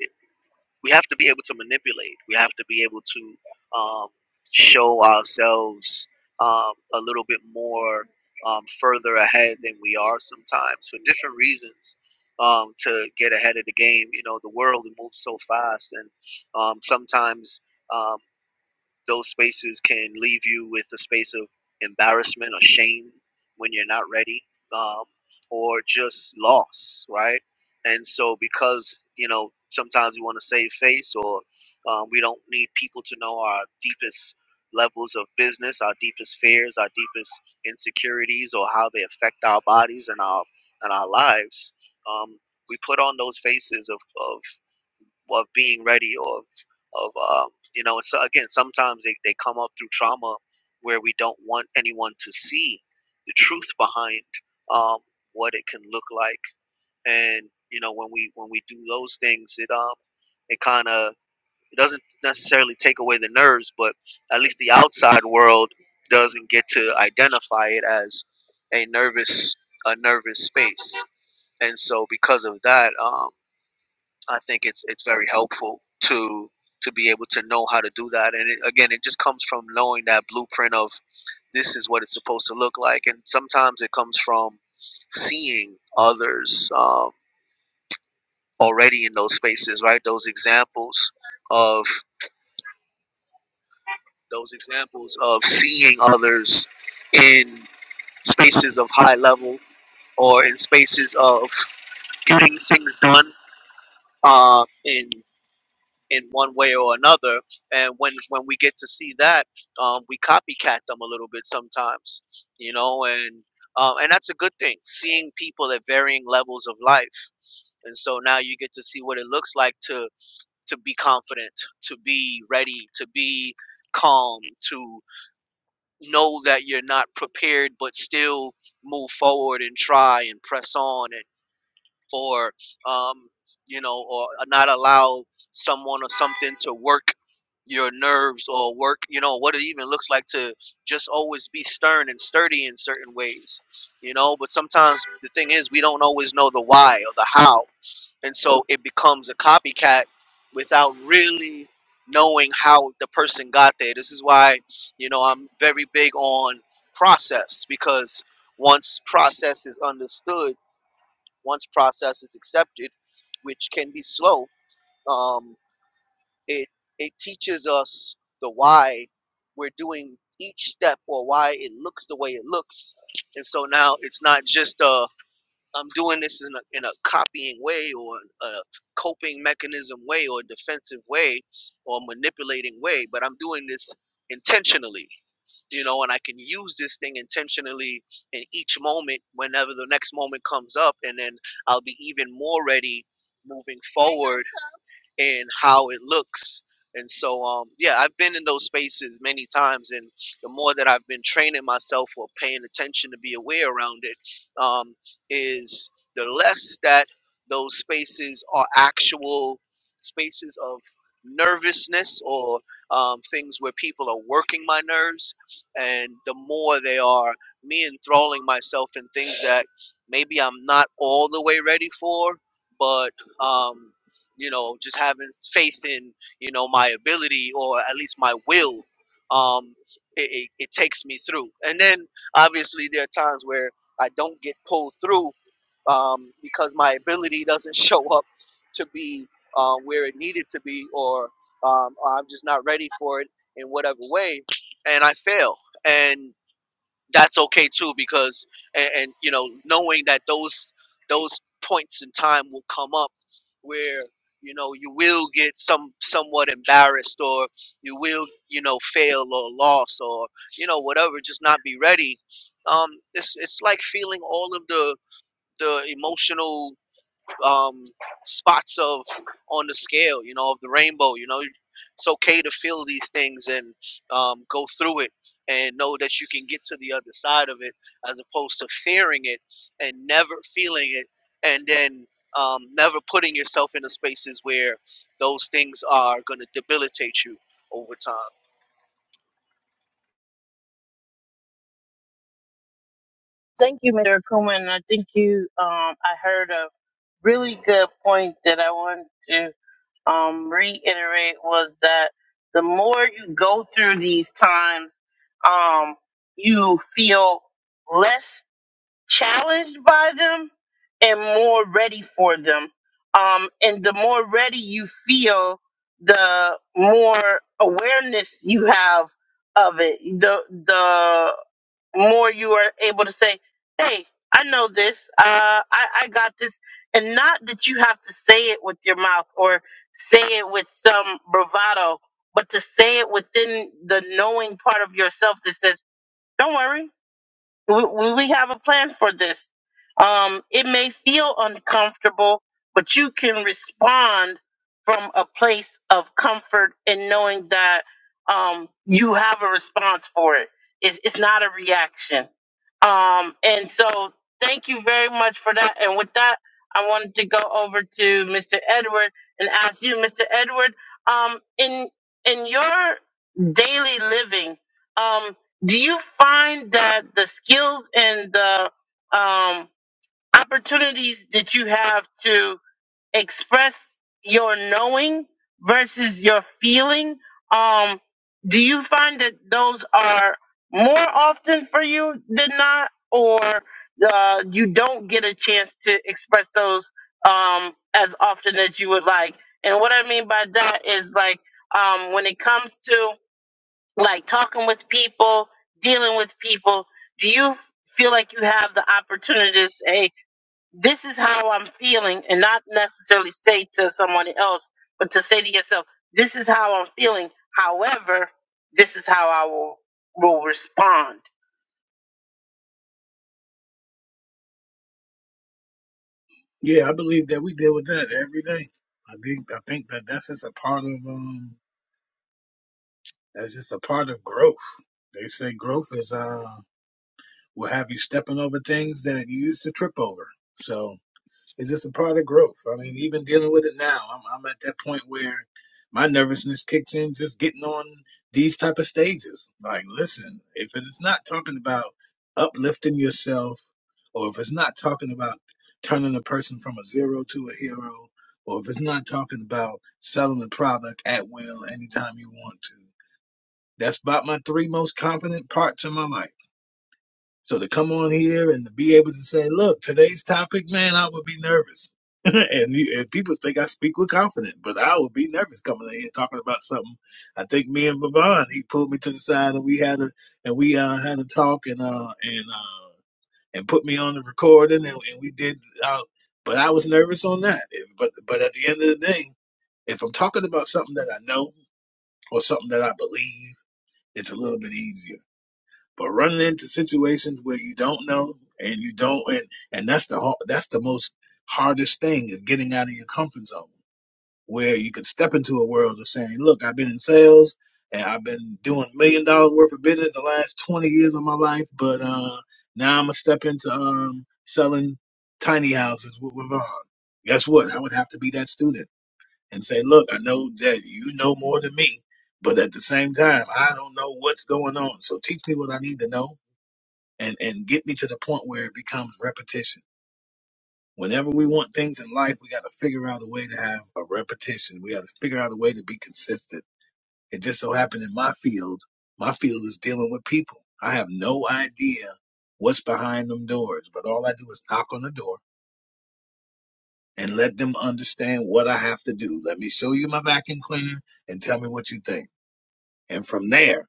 Speaker 3: we have to be able to manipulate. We have to be able to um, show ourselves um, a little bit more um, further ahead than we are sometimes for different reasons um, to get ahead of the game. You know, the world moves so fast, and um, sometimes. um, those spaces can leave you with a space of embarrassment or shame when you're not ready um, or just loss right and so because you know sometimes we want to save face or um, we don't need people to know our deepest levels of business our deepest fears our deepest insecurities or how they affect our bodies and our and our lives um, we put on those faces of, of of being ready or of, of um, you know so again sometimes they, they come up through trauma where we don't want anyone to see the truth behind um, what it can look like and you know when we when we do those things it um it kind of it doesn't necessarily take away the nerves but at least the outside world doesn't get to identify it as a nervous a nervous space and so because of that um. I think it's it's very helpful to to be able to know how to do that. And it, again, it just comes from knowing that blueprint of this is what it's supposed to look like. And sometimes it comes from seeing others um, already in those spaces, right? Those examples of those examples of seeing others in spaces of high level or in spaces of getting things done. Uh, in in one way or another. And when when we get to see that, um, we copycat them a little bit sometimes, you know, and um, and that's a good thing. Seeing people at varying levels of life, and so now you get to see what it looks like to to be confident, to be ready, to be calm, to know that you're not prepared, but still move forward and try and press on and or um, you know, or uh, not allow someone or something to work your nerves or work, you know, what it even looks like to just always be stern and sturdy in certain ways, you know. But sometimes the thing is, we don't always know the why or the how, and so it becomes a copycat without really knowing how the person got there. This is why, you know, I'm very big on process because once process is understood once process is accepted, which can be slow, um, it it teaches us the why we're doing each step or why it looks the way it looks. And so now it's not just uh I'm doing this in a, in a copying way or a coping mechanism way or a defensive way or manipulating way, but I'm doing this intentionally you know, and I can use this thing intentionally in each moment whenever the next moment comes up, and then I'll be even more ready moving forward and how it looks. And so, um, yeah, I've been in those spaces many times, and the more that I've been training myself or paying attention to be aware around it, um, is the less that those spaces are actual spaces of nervousness or um, things where people are working my nerves, and the more they are me enthralling myself in things that maybe I'm not all the way ready for, but um, you know, just having faith in, you know, my ability or at least my will, um, it, it, it takes me through. And then obviously there are times where I don't get pulled through um, because my ability doesn't show up to be uh, where it needed to be, or um, I'm just not ready for it in whatever way, and I fail. And that's okay too because and, and you know knowing that those those points in time will come up where you know you will get some somewhat embarrassed or you will you know fail or loss or you know whatever just not be ready um it's it's like feeling all of the the emotional um, spots of on the scale, you know, of the rainbow. You know, it's okay to feel these things and um, go through it and know that you can get to the other side of it, as opposed to fearing it and never feeling it, and then um, never putting yourself into spaces where those things are going to debilitate you over time.
Speaker 1: Thank you, Mr. Coleman. I think you. Um, I heard a really good point that I wanted to. um, reiterate was that the more you go through these times, um, you feel less challenged by them and more ready for them. Um, and the more ready you feel, the more awareness you have of it. The the more you are able to say, "Hey, I know this. Uh, I I got this," and not that you have to say it with your mouth or say it with some bravado, but to say it within the knowing part of yourself that says, "Don't worry, we, we we have a plan for this. Um, it may feel uncomfortable, but you can respond from a place of comfort and knowing that um, you have a response for it. It's, it's not a reaction. Um, and so, thank you very much for that. And with that, I wanted to go over to Mr. Edward and ask you, Mr. Edward, um, in in your daily living. Um, do you find that the skills and the um, opportunities that you have to express your knowing versus your feeling um, do you find that those are more often for you than not or uh, you don't get a chance to express those um, as often as you would like and what i mean by that is like um, when it comes to like talking with people, dealing with people, do you feel like you have the opportunity to say, this is how I'm feeling, and not necessarily say to someone else, but to say to yourself, this is how I'm feeling. However, this is how I will, will respond.
Speaker 4: Yeah, I believe that we deal with that every day. I think, I think that that's just a part of, um, That's just a part of growth. They say growth is uh will have you stepping over things that you used to trip over. So it's just a part of growth. I mean, even dealing with it now, I'm I'm at that point where my nervousness kicks in just getting on these type of stages. Like, listen, if it's not talking about uplifting yourself, or if it's not talking about turning a person from a zero to a hero, or if it's not talking about selling the product at will anytime you want to that's about my three most confident parts in my life. So to come on here and to be able to say, look, today's topic, man, I would be nervous. and, you, and people think I speak with confidence, but I would be nervous coming in here talking about something. I think me and Vavon, he pulled me to the side and we had a and we uh, had a talk and uh and uh and put me on the recording and, and we did. Uh, but I was nervous on that. It- But but at the end of the day, if I'm talking about something that I know or something that I believe, it's a little bit easier but running into situations where you don't know and you don't and, and that's the har- that's the most hardest thing is getting out of your comfort zone where you can step into a world of saying look i've been in sales and i've been doing million dollars worth of business the last 20 years of my life but uh now i'm gonna step into um selling tiny houses with Ravon. guess what i would have to be that student and say look i know that you know more than me but at the same time i don't know what's going on so teach me what i need to know and and get me to the point where it becomes repetition. Whenever we want things in life, we got to figure out a way to have a repetition. We got to figure out a way to be consistent. It just so happened in my field, my field is dealing with people. I have no idea what's behind them doors, but all I do is knock on the door and let them understand what I have to do. Let me show you my vacuum cleaner and tell me what you think. And from there,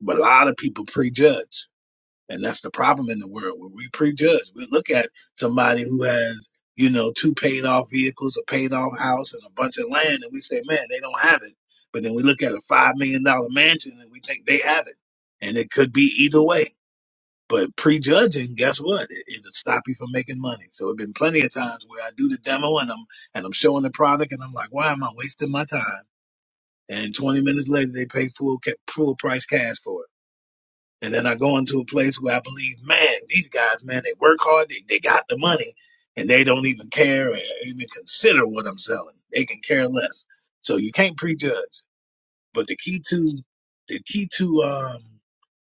Speaker 4: but a lot of people prejudge And that's the problem in the world where we prejudge. We look at somebody who has, you know, two paid off vehicles, a paid off house, and a bunch of land, and we say, man, they don't have it. But then we look at a $5 million dollars mansion and we think they have it. And it could be either way. But prejudging, guess what? It, it'll stop you from making money. So it been plenty of times where I do the demo and I'm and I'm showing the product and I'm like, why am I wasting my time? And 20 minutes later, they pay full ca- full price cash for it. And then I go into a place where I believe, man, these guys, man, they work hard, they, they got the money, and they don't even care or even consider what I'm selling. They can care less. So you can't prejudge. But the key to the key to um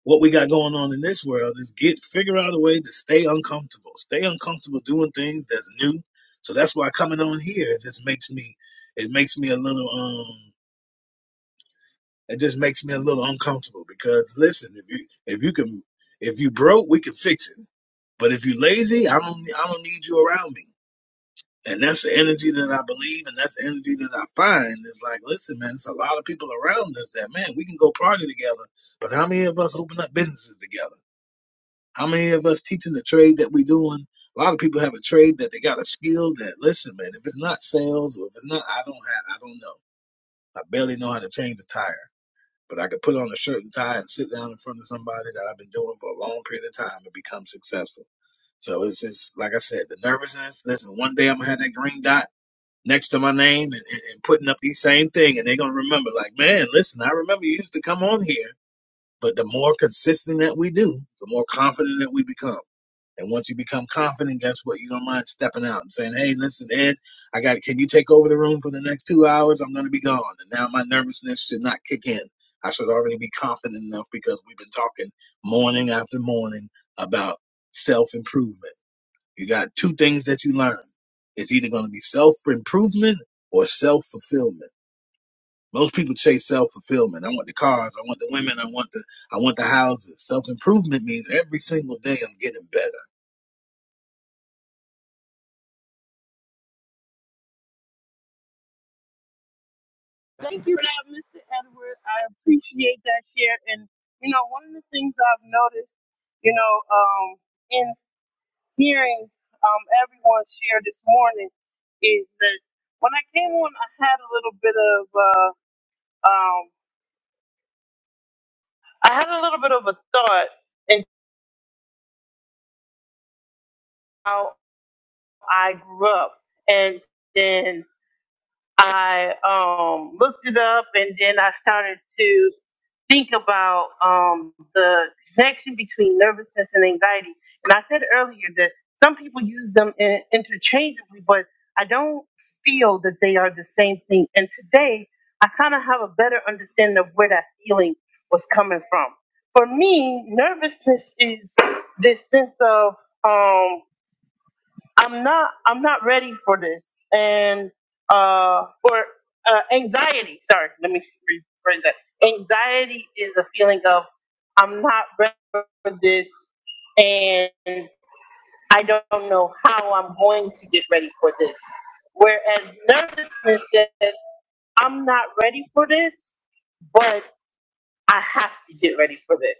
Speaker 4: what we got going on in this world is get figure out a way to stay uncomfortable. Stay uncomfortable doing things that's new. So that's why coming on here it just makes me it makes me a little um. It just makes me a little uncomfortable because listen, if you if you can if you broke, we can fix it. But if you lazy, I don't I don't need you around me. And that's the energy that I believe, and that's the energy that I find. It's like, listen, man, it's a lot of people around us that man, we can go party together. But how many of us open up businesses together? How many of us teaching the trade that we doing? A lot of people have a trade that they got a skill that listen, man, if it's not sales or if it's not, I don't have, I don't know. I barely know how to change a tire. But I could put on a shirt and tie and sit down in front of somebody that I've been doing for a long period of time and become successful. So it's just, like I said, the nervousness. Listen, one day I'm going to have that green dot next to my name and, and, and putting up the same thing. And they're going to remember, like, man, listen, I remember you used to come on here. But the more consistent that we do, the more confident that we become. And once you become confident, guess what? You don't mind stepping out and saying, "Hey, listen, Ed, I got. it. Can you take over the room for the next two hours? I'm going to be gone." And now my nervousness should not kick in. I should already be confident enough because we've been talking morning after morning about self improvement. You got two things that you learn. It's either going to be self improvement or self fulfillment. Most people chase self fulfillment. I want the cars. I want the women. I want the. I want the houses. Self improvement means every single day I'm getting better.
Speaker 1: Thank you for that, Mr. Edward. I appreciate that share. And, you know, one of the things I've noticed, you know, um, in hearing um, everyone share this morning, is that when I came on, I had a little bit of uh, um, I had a little bit of a thought in how I grew up, and then I um, looked it up, and then I started to. think about um, the connection between nervousness and anxiety. And I said earlier that some people use them in, interchangeably, but I don't feel that they are the same thing. And today, I kind of have a better understanding of where that feeling was coming from. For me, nervousness is this sense of um, I'm not I'm not ready for this and uh or uh, anxiety sorry let me rephrase that anxiety is a feeling of I'm not ready for this and I don't know how I'm going to get ready for this whereas nervousness says I'm not ready for this but I have to get ready for this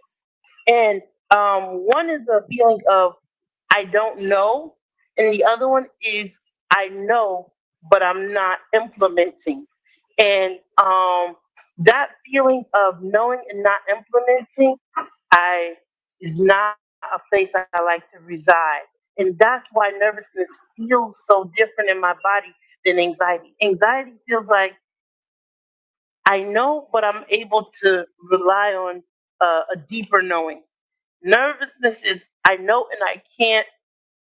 Speaker 1: and um one is a feeling of I don't know. And the other one is I know, but I'm not implementing. And um, that feeling of knowing and not implementing, I is not a place I like to reside. And that's why nervousness feels so different in my body than anxiety. Anxiety feels like I know, but I'm able to rely on uh, a deeper knowing. Nervousness is I know and I can't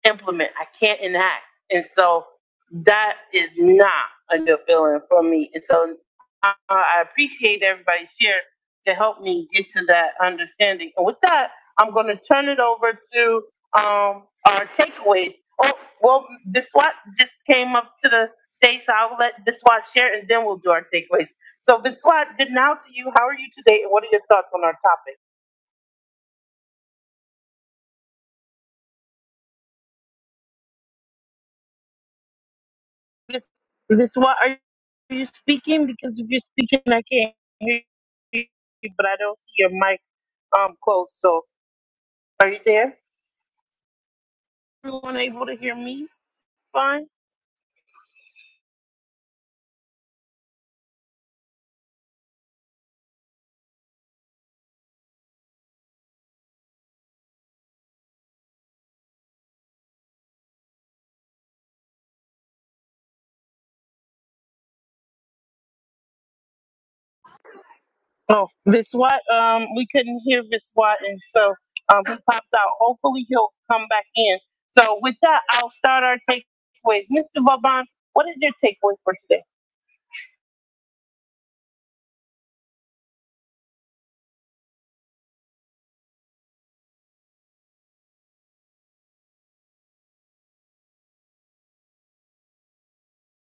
Speaker 1: implement. I can't enact. And so that is not a good feeling for me. And so uh, I appreciate everybody's share to help me get to that understanding. And with that, I'm going to turn it over to um, our takeaways. Oh, well, this just came up to the stage, so I'll let Biswat share, and then we'll do our takeaways. So, Biswat, good now to you. How are you today, and what are your thoughts on our topic? Bis- Biswat, are you speaking? Because if you're speaking, I can't hear but I don't see your mic um closed. So are you there? Everyone able to hear me fine? Oh, Viswat, um, we couldn't hear Viswat, and so um, he popped out. Hopefully, he'll come back in. So with that, I'll start our takeaways. Mr. Vaban, what is your takeaway for today?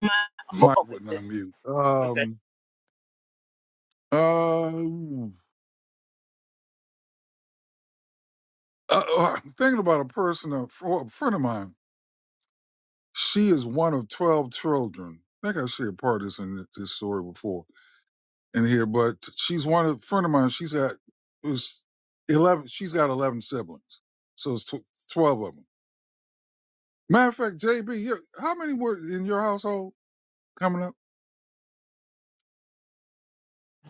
Speaker 1: My,
Speaker 2: Mike
Speaker 1: okay,
Speaker 2: wouldn't unmute.
Speaker 1: okay.
Speaker 2: Um uh, ooh. uh oh, I'm thinking about a person, a fr- a friend of mine She is one of 12 children. I think I shared part of this in this story before in here, but she's one of, friend of mine, she's got, it was 11, she's got 11 siblings. So it's tw- 12 of them. Matter of fact, JB, you how many were in your household coming up?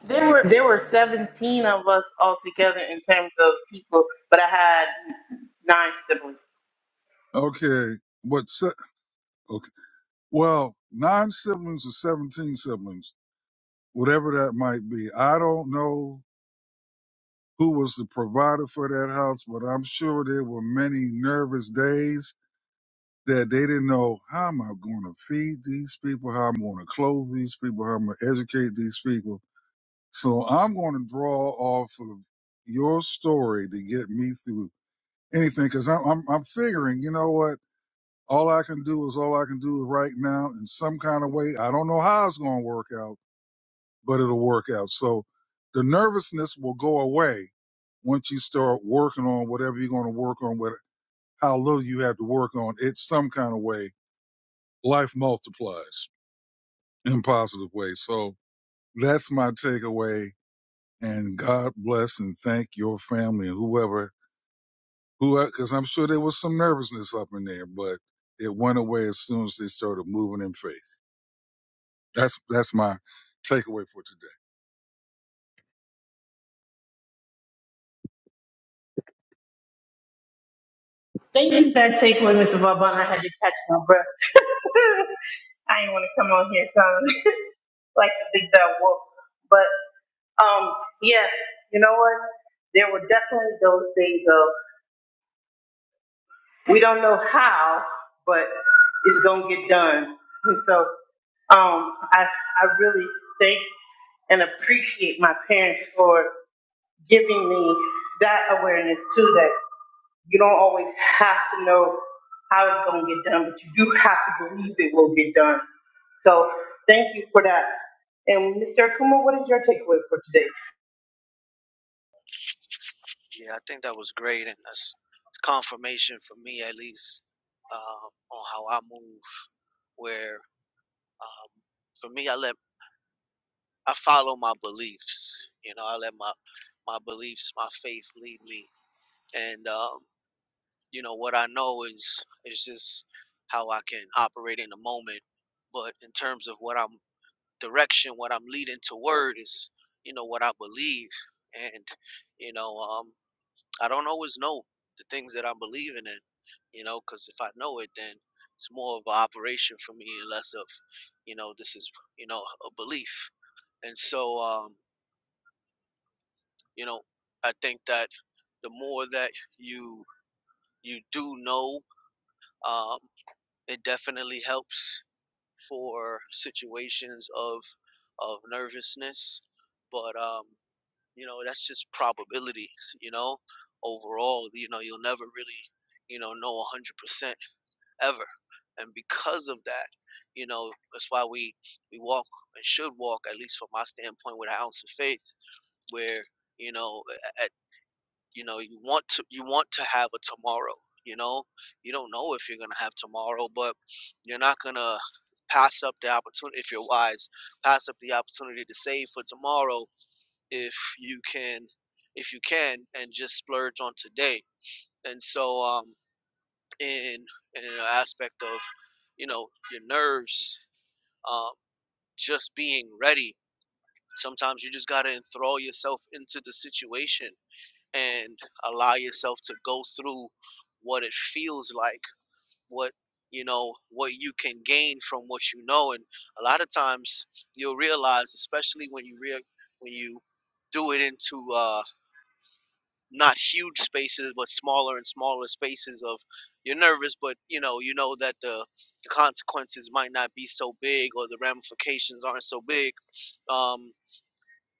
Speaker 1: There were there were seventeen of us altogether in terms of people, but I had nine siblings.
Speaker 2: Okay. What, se- okay. Well, nine siblings or 17 siblings, whatever that might be. I don't know who was the provider for that house, but I'm sure there were many nervous days that they didn't know how am I going to feed these people, how I'm going to clothe these people, how I'm going to educate these people. So I'm going to draw off of your story to get me through anything because I'm, I'm I'm figuring, you know what? All I can do is all I can do right now in some kind of way. I don't know how it's going to work out, but it'll work out. So the nervousness will go away once you start working on whatever you're going to work on, with how little you have to work on. It's some kind of way life multiplies in positive ways. So that's my takeaway. And God bless and thank your family and whoever, who, because I'm sure there was some nervousness up in there, but it went away as soon as they started moving in faith. That's that's my takeaway for today.
Speaker 1: We don't know. Um, I I really thank and appreciate my for giving me that awareness too. That you don't always have to know how it's going to get done, but you do have to believe it will get done. So thank you for that. And Mr. Akuma, what is your takeaway for today?
Speaker 3: Yeah, I think that was great, and that's confirmation for me at least um, on how I move. Where um, for me, I let I follow my beliefs. You know, I let my my beliefs, my faith lead me, and um, you know what I know is is just how I can operate in the moment. But in terms of what I'm direction, what I'm leading toward is, you know, what I believe, and you know, um, I don't always know the things that I'm believing in, you know, because if I know it, then it's more of an operation for me and less of, you know, this is you know a belief. And so, um, You know, I think that the more that you you do know, um, it definitely helps for situations of of nervousness. But um, you know, that's just probabilities. You know, overall, you know, you'll never really, you know, know a hundred percent ever. And because of that, you know, that's why we we walk and should walk, at least from my standpoint, with an ounce of faith, where you know at you know you want to you want to have a tomorrow you know you don't know if you're going to have tomorrow but you're not going to pass up the opportunity if you're wise pass up the opportunity to save for tomorrow if you can if you can and just splurge on today and so um in in an aspect of you know your nerves um just being ready sometimes you just got to enthrall yourself into the situation and allow yourself to go through what it feels like, what you know, what you can gain from what you know, and a lot of times you'll realize, especially when you rea- when you do it into uh, not huge spaces, but smaller and smaller spaces of you're nervous, but you know, you know that the, the consequences might not be so big or the ramifications aren't so big. Um,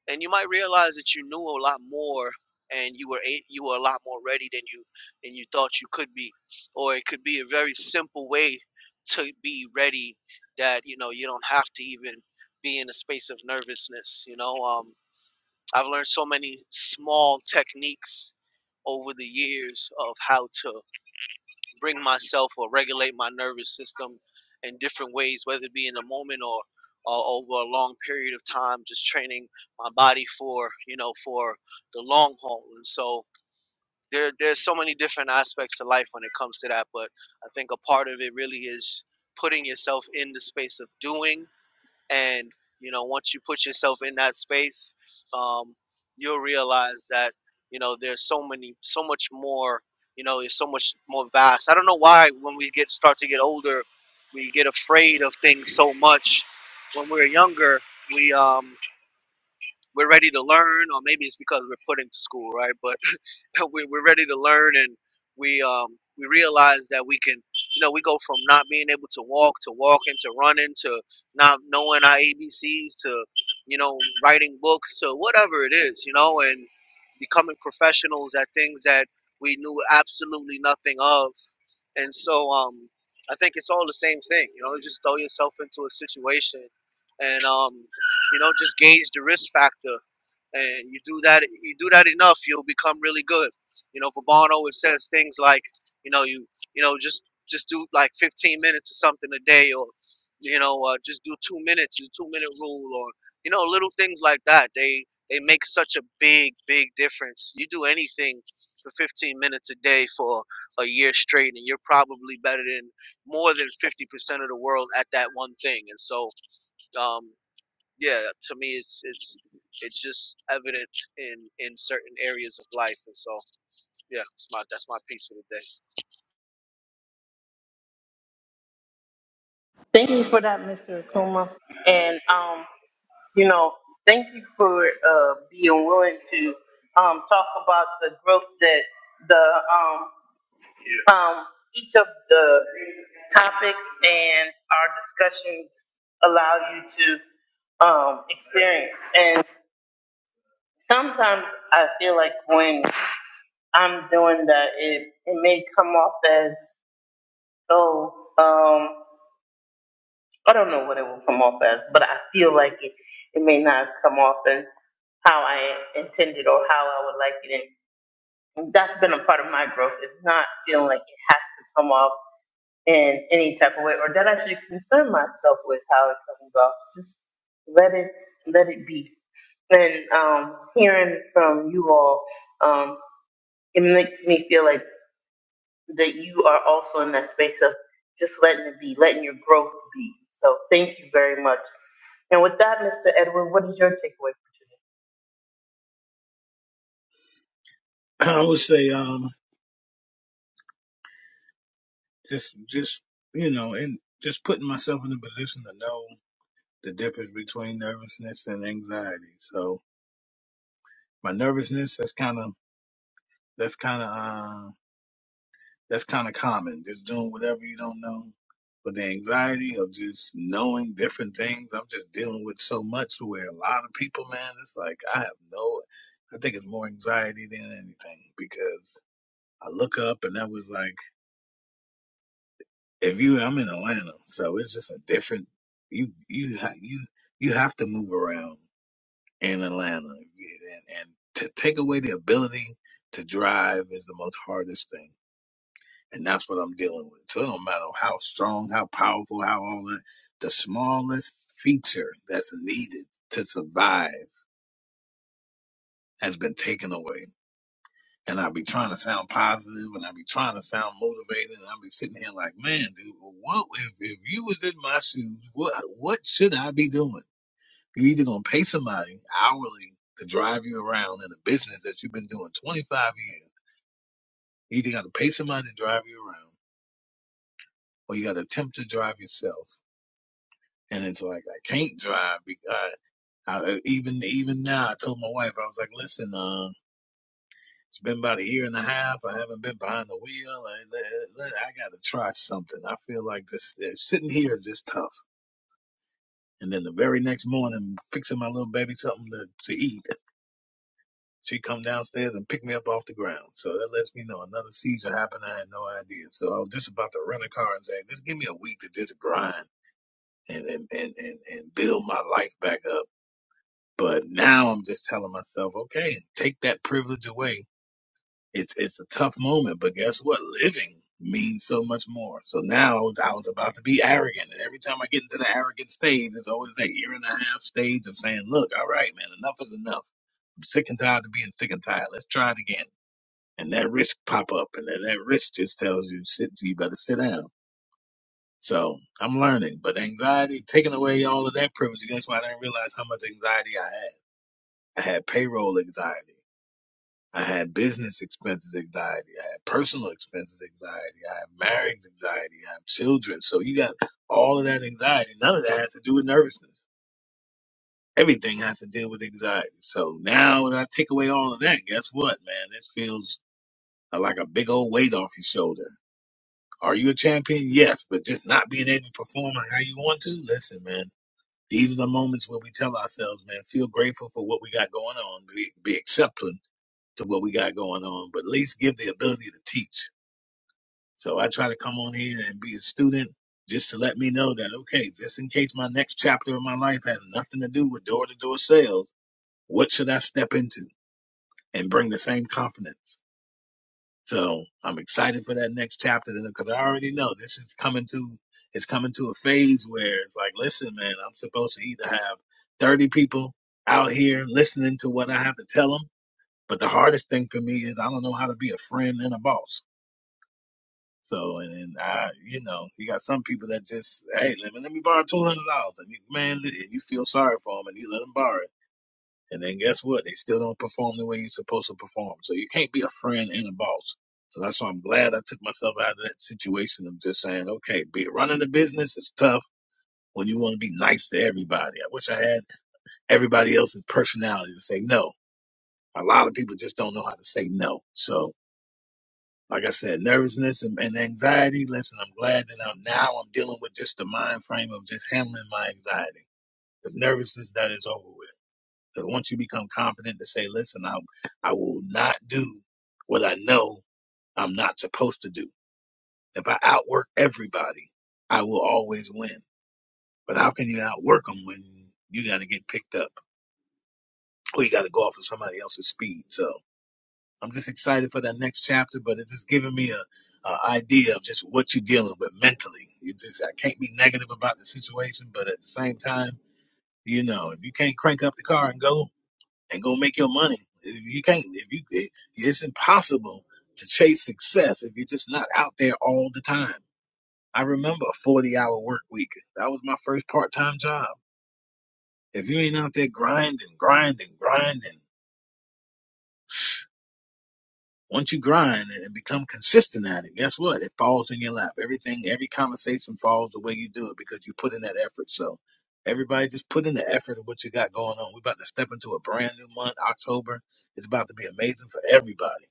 Speaker 3: and you might realize that you knew a lot more and you were a- you were a lot more ready than you than you thought you could be or it could be a very simple way to be ready that you know you don't have to even be in a space of nervousness you know um i've learned so many small techniques over the years of how to bring myself or regulate my nervous system in different ways, whether it be in a moment or, or over a long period of time, just training my body for, you know, for the long haul. And so there, there's so many different aspects to life when it comes to that. But I think a part of it really is putting yourself in the space of doing and you know once you put yourself in that space um, you'll realize that you know there's so many so much more you know it's so much more vast i don't know why when we get start to get older we get afraid of things so much when we're younger we um we're ready to learn or maybe it's because we're put into school right but we, we're ready to learn and we um, we realize that we can you know we go from not being able to walk to walking to running to not knowing our abcs to you know writing books to whatever it is you know and becoming professionals at things that we knew absolutely nothing of and so um, i think it's all the same thing you know just throw yourself into a situation and um, you know just gauge the risk factor and you do that you do that enough you'll become really good you know for Bono it says things like you know you you know just just do like 15 minutes or something a day or you know uh, just do two minutes the two minute rule or you know little things like that they they make such a big big difference you do anything for 15 minutes a day for a year straight and you're probably better than more than 50% of the world at that one thing and so um, yeah, to me, it's it's it's just evident in in certain areas of life, and so yeah, it's my that's my piece for the day.
Speaker 1: Thank you for that, Mr. Akuma. And um, you know, thank you for uh, being willing to um, talk about the growth that the um, um, each of the topics and our discussions allow you to um, experience. And sometimes I feel like when I'm doing that, it it may come off as oh um, I don't know what it will come off as, but I feel like it it may not come off as how I intended or how I would like it. that's been a part of my growth is not feeling like it has to come off in any type of way or that I should concern myself with how it comes off. Just let it let it be. And um, hearing from you all, um, it makes me feel like that you are also in that space of just letting it be, letting your growth be. So thank you very much. And with that, Mr. Edward, what is your takeaway
Speaker 4: I would say, um, just, just, you know, and just putting myself in a position to know the difference between nervousness and anxiety. So my nervousness, that's kind of, that's kind of, uh, that's kind of common. Just doing whatever you don't know. But the anxiety of just knowing different things, I'm just dealing with so much where a lot of people, man, it's like, I have no, I think it's more anxiety than anything because I look up and that was like, if you I'm in Atlanta, so it's just a different you you ha- you you have to move around in Atlanta, and, and to take away the ability to drive is the most hardest thing, and that's what I'm dealing with. So it don't matter how strong, how powerful, how all that, the smallest feature that's needed to survive has been taken away and I be trying to sound positive and I be trying to sound motivated and I be sitting here like, man, dude, what if, if you was in my shoes, what what should I be doing? You're either gonna pay somebody hourly to drive you around in a business that you've been doing 25 years. You either gotta pay somebody to drive you around or you gotta attempt to drive yourself. And it's like I can't drive because I, I, even even now I told my wife I was like, listen, uh, It's been about a year and a half. I haven't been behind the wheel. I, I, got to try something. I feel like this uh, sitting here is just tough. And then the very next morning, fixing my little baby something to, to eat, she come downstairs and pick me up off the ground. So that lets me know another seizure happened. I had no idea. So I was just about to rent a car and say, just give me a week to just grind and and and and, and build my life back up. But now I'm just telling myself, okay, take that privilege away It's it's a tough moment, but guess what? Living means so much more. So now I was, I was about to be arrogant, and every time I get into the arrogant stage, it's always that year and a half stage of saying, "Look, all right, man, enough is enough. I'm sick and tired of being sick and tired. Let's try it again." And that risk pop up, and then that risk just tells you, "Sit, you better sit down." So I'm learning, but anxiety taking away all of that privilege. That's why I didn't realize how much anxiety I had. I had payroll anxiety. I had business expenses anxiety. I had personal expenses anxiety. I had marriage anxiety. I have children. So you got all of that anxiety. None of that has to do with nervousness. Everything has to deal with anxiety. So now when I take away all of that, guess what, man? It feels like a big old weight off your shoulder. Are you a champion? Yes, but just not being able to perform how you want to? Listen, man, these are the moments where we tell ourselves, man, feel grateful for what we got going on. Be, be accepting to what we got going on, but at least give the ability to teach. So I try to come on here and be a student just to let me know that, okay, just in case my next chapter of my life has nothing to do with door to door sales, what should I step into and bring the same confidence? So I'm excited for that next chapter because I already know this is coming to, it's coming to a phase where it's like, listen, man, I'm supposed to either have 30 people out here listening to what I have to tell them. But the hardest thing for me is I don't know how to be a friend and a boss. So and, and I, you know, you got some people that just, hey, let me let me borrow two hundred dollars, and you, man, and you feel sorry for them, and you let them borrow it, and then guess what? They still don't perform the way you're supposed to perform. So you can't be a friend and a boss. So that's why I'm glad I took myself out of that situation of just saying, okay, be running the business is tough when you want to be nice to everybody. I wish I had everybody else's personality to say no. A lot of people just don't know how to say no. So like I said, nervousness and, and anxiety. Listen, I'm glad that I'm now I'm dealing with just the mind frame of just handling my anxiety. Because nervousness that is over with. Because once you become confident to say, listen, I I will not do what I know I'm not supposed to do. If I outwork everybody, I will always win. But how can you outwork them when you got to get picked up or you got to go off of somebody else's speed? So I'm just excited for that next chapter, but it's just giving me a, a idea of just what you're dealing with mentally. You just I can't be negative about the situation, but at the same time, you know, if you can't crank up the car and go and go make your money, if you can't, if you, it, it's impossible to chase success if you're just not out there all the time. I remember a 40 hour work week. That was my first part time job. If you ain't out there grinding, grinding, grinding. Once you grind and become consistent at it, guess what? It falls in your lap. Everything, every conversation falls the way you do it because you put in that effort. So everybody just put in the effort of what you got going on. We're about to step into a brand new month. October is about to be amazing for everybody.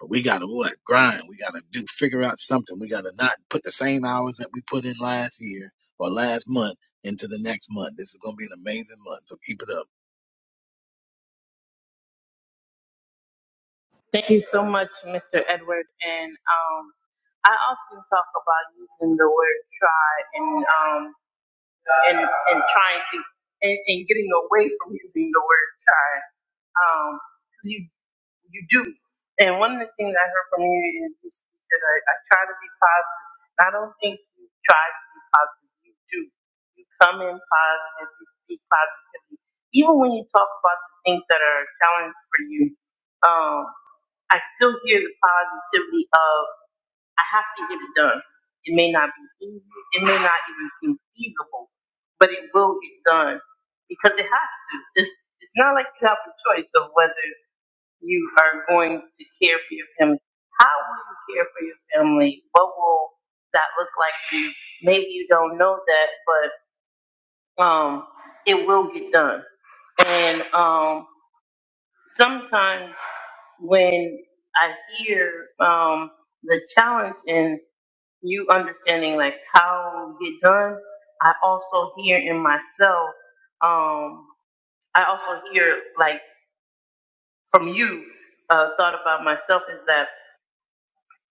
Speaker 4: But we gotta what? Grind. We gotta do figure out something. We gotta not put the same hours that we put in last year or last month into the next month. This is gonna be an amazing month. So keep it up.
Speaker 1: Thank you so much, Mr. Edward. And um, I often talk about using the word try and um, and and trying to and, and getting away from using the word try. Um, 'cause you you do. And one of the things I heard from you is you said I, I try to be positive. And I don't think you try to be positive. You do. You come in positive. You speak positively. Even when you talk about the things that are a challenge for you. um, I still hear the positivity of I have to get it done. It may not be easy, it may not even seem feasible, but it will get done because it has to. It's it's not like you have a choice of whether you are going to care for your family. How will you care for your family? What will that look like for you? Maybe you don't know that, but um, it will get done. And um, sometimes when I hear um, the challenge you understanding like how you get done. I also hear in myself, um, I also hear like from you, uh, thought about myself is that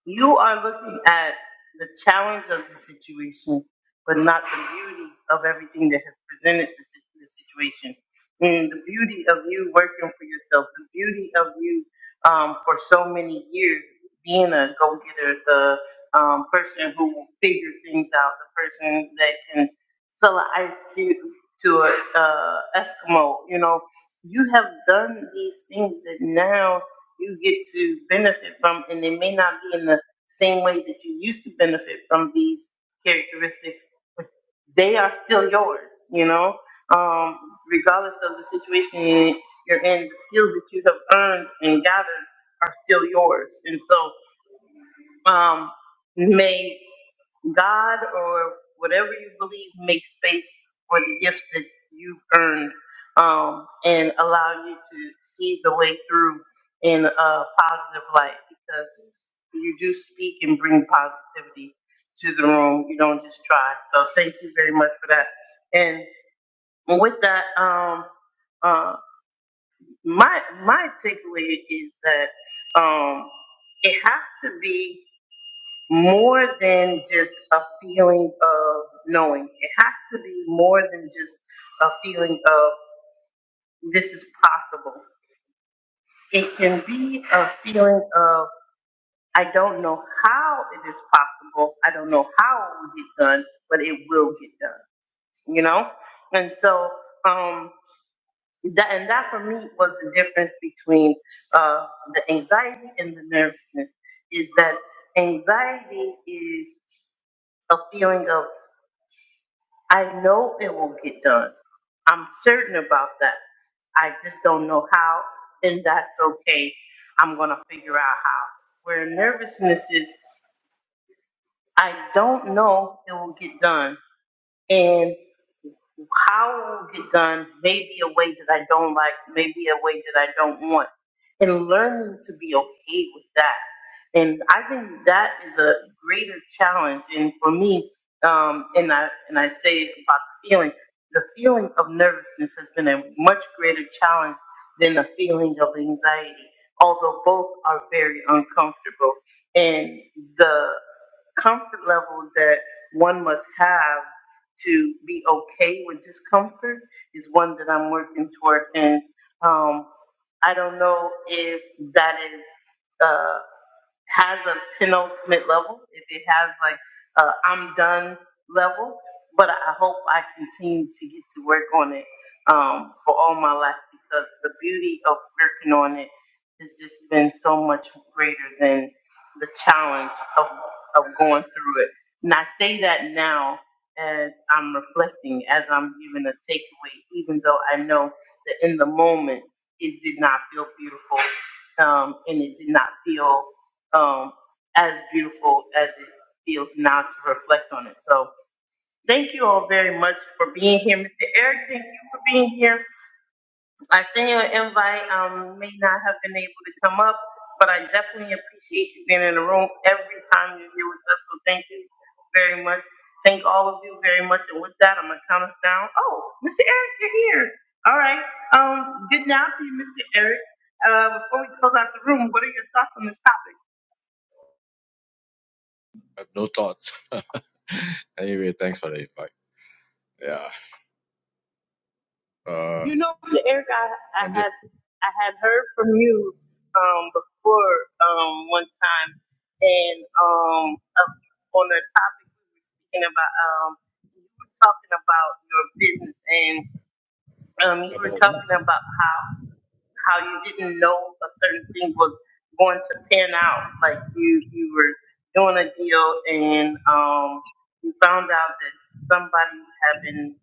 Speaker 1: you are looking at the challenge of the situation, but not the beauty of everything that has presented the, si- the situation. And the beauty of you working for yourself, the beauty of you um, for so many years being a go getter, the um, person who will figure things out, the person that can sell an ice cube to an uh, Eskimo. You know, you have done these things that now you get to benefit from, and it may not be in the same way that you used to benefit from these characteristics, they are still yours, you know? Um, regardless of the situation you're in, the skills that you have earned and gathered are still yours. And so um, may God or whatever you believe make space for the gifts that you've earned um, and allow you to see the way through in a positive light because you do speak and bring positivity to the room. You don't just try. So thank you very much for that. And with that, um, uh, my my takeaway is that um, it has to be more than just a feeling of knowing. It has to be more than just a feeling of this is possible. It can be a feeling of I don't know how it is possible. I don't know how it will get done, but it will get done. You know, and so um, that and that for me was the difference between uh, the anxiety and the nervousness. Is that anxiety is a feeling of I know it will get done. I'm certain about that. I just don't know how, and that's okay. I'm gonna figure out where it's I done and how it done what, and learn to be okay with that. And I think that is a greater challenge. And for me, um, and I and I say about the feeling, the feeling of nervousness has been a much greater challenge than the feeling of anxiety. Although both are very uncomfortable, and the comfort level that one must have to be okay with discomfort is one that I'm working toward. And um, I don't know if that is. uh, has a penultimate level, if it has like a I'm done level, but I hope I continue to get to work on it um, for all my life because the beauty of working on it has just been so much greater than the challenge of, of going through it. And I say that now as I'm reflecting, as I'm giving a takeaway, even though I know that in the moment it did not feel beautiful um, and it did not feel um, as beautiful as it feels now to reflect on it. So thank you all very much for being here. Mr. Eric, thank you for being here. I sent you an invite. Um, may not have been able to come up, but I definitely appreciate you being in the room every time you're here with us. So thank you very much. Thank all of you very much. And with that, I'm going to count us down. Oh, Mr. Eric, you're here. All right. Um, good now to you, Mr. Eric. Uh, before we close out the room, what are your thoughts on this topic?
Speaker 5: I have no thoughts. anyway, thanks for the invite. Yeah. Uh,
Speaker 1: You know, Eric, I, I
Speaker 5: I'm just
Speaker 1: had I had heard from you um, before um, one time, and um, uh, on the topic we were speaking about, um, you were talking about your business, and um, you were
Speaker 5: about what?
Speaker 1: talking about how how you didn't know a certain thing was going to pan out. Like you you were doing a deal, and um, you found out that somebody was having,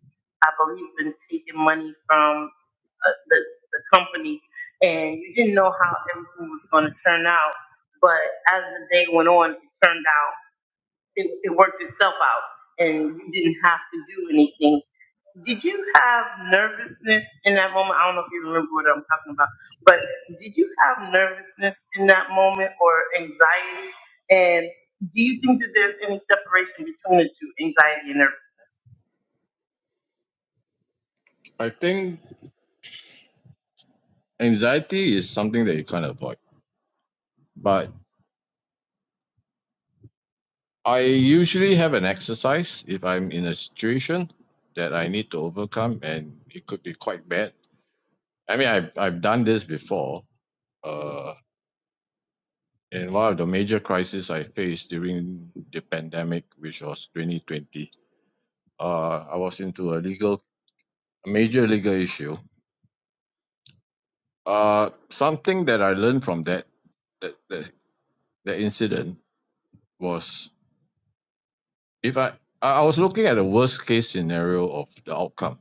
Speaker 1: I believe, been taking money from uh, the, the company and you didn't know how everything was going to turn out. But as the day went on, it turned out, it, it worked itself out and you didn't have to do anything. Did you have nervousness in that moment? I don't know if you remember what I'm talking about, but did you have nervousness in that moment or anxiety? And do you think that there's any separation between the two, anxiety and nervousness?
Speaker 5: I think anxiety is something that you can't avoid. But I usually have an exercise if I'm in a situation that I need to overcome, and it could be quite bad. I mean, I've, I've done this before. Uh, in one of the major crises I faced during the pandemic, which was 2020, uh, I was into a legal, a major legal issue Uh, something that I learned from that that that, that incident was if I I was looking at the worst case scenario of the outcome.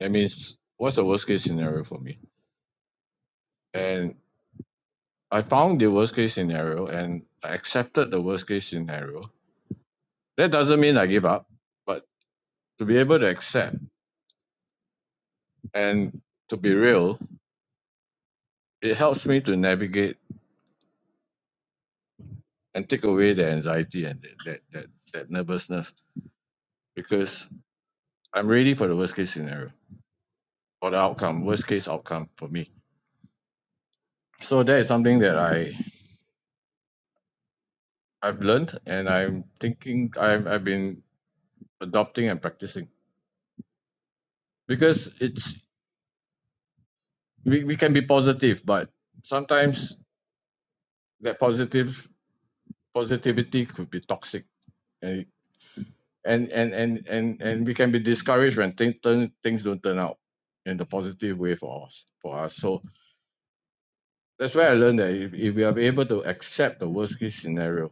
Speaker 5: That means what's the worst case scenario for me? And I found the worst case scenario and I accepted the worst case scenario. That doesn't mean I give up, but to be able to accept and to be real, it helps me to navigate and take away the anxiety and that that that, that nervousness because I'm ready for the worst case scenario for the outcome worst case outcome for me so that is something that i i've learned and i'm thinking i've, I've been adopting and practicing because it's we, we can be positive but sometimes that positive positivity could be toxic and and and and and, and we can be discouraged when things turn, things don't turn out in the positive way for us for us so that's where i learned that if, if we are able to accept the worst case scenario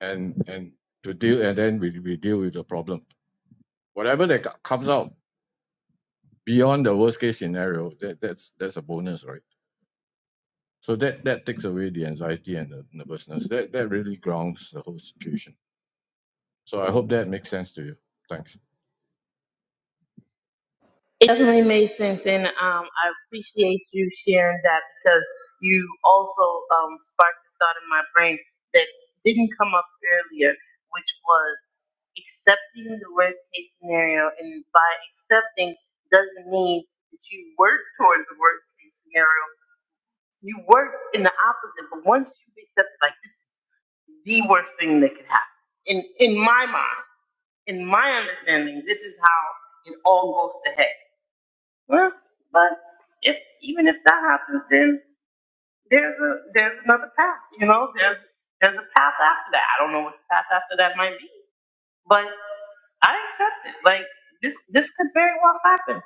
Speaker 5: and and to deal and then we, we deal with the problem whatever that comes out beyond the worst case scenario, that that's that's a bonus, right? So that that takes away the anxiety and the nervousness. That that really grounds the whole situation. So I hope that makes sense to you. Thanks.
Speaker 1: It definitely made sense, and um, I appreciate you sharing that because you also um, sparked a thought in my brain that didn't come up earlier, which was accepting the worst case scenario. And by accepting doesn't mean that you work toward the worst scenario. You and that's like this is the way it happened. in in my understanding. This is how it all goes to heck. Well, but if even if that happens, then. there's a there's another path. You know, there's there's a path after that. I don't know what the path after that might be, but I accept it. Like this this could very well happen,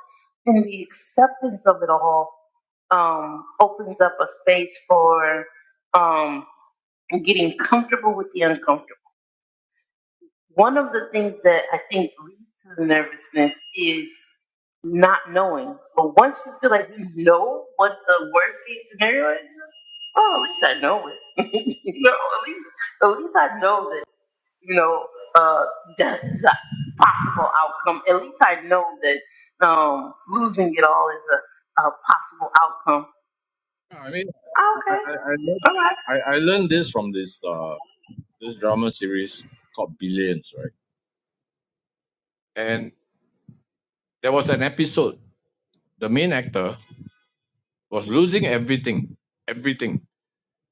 Speaker 1: and the acceptance of it all um, opens up a space for um, getting comfortable with the uncomfortable. One of the things that I think leads to the nervousness is not knowing. But once you feel like you know what the worst case scenario is, oh, at least I know it. you know, at least at least I know that you know uh, that is a possible outcome. At least I know that um, losing it all is a, a possible outcome.
Speaker 5: Yeah, I mean,
Speaker 1: Oh,
Speaker 5: I
Speaker 1: okay,
Speaker 5: I, I learned
Speaker 1: all right,
Speaker 5: I, I learned this from this uh this drama series called Billions, right? And there was an episode. The main actor was losing everything, everything.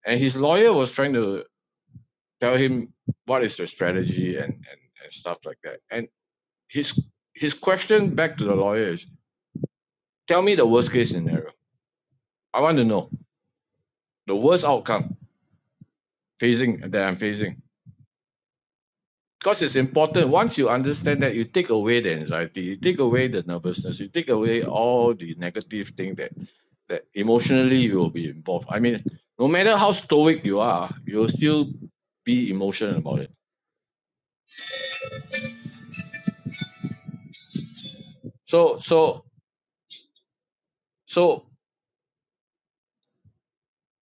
Speaker 5: And his lawyer was trying to tell him what is the strategy and, and, and stuff like that. And his his question back to the lawyer is tell me the worst case scenario. I want to know the worst outcome facing that I'm facing. Because it's important. Once you understand that, you take away the anxiety, you take away the nervousness, you take away all the negative thing that that emotionally you will be involved. I mean, no matter how stoic you are, you'll still be emotional about it so so so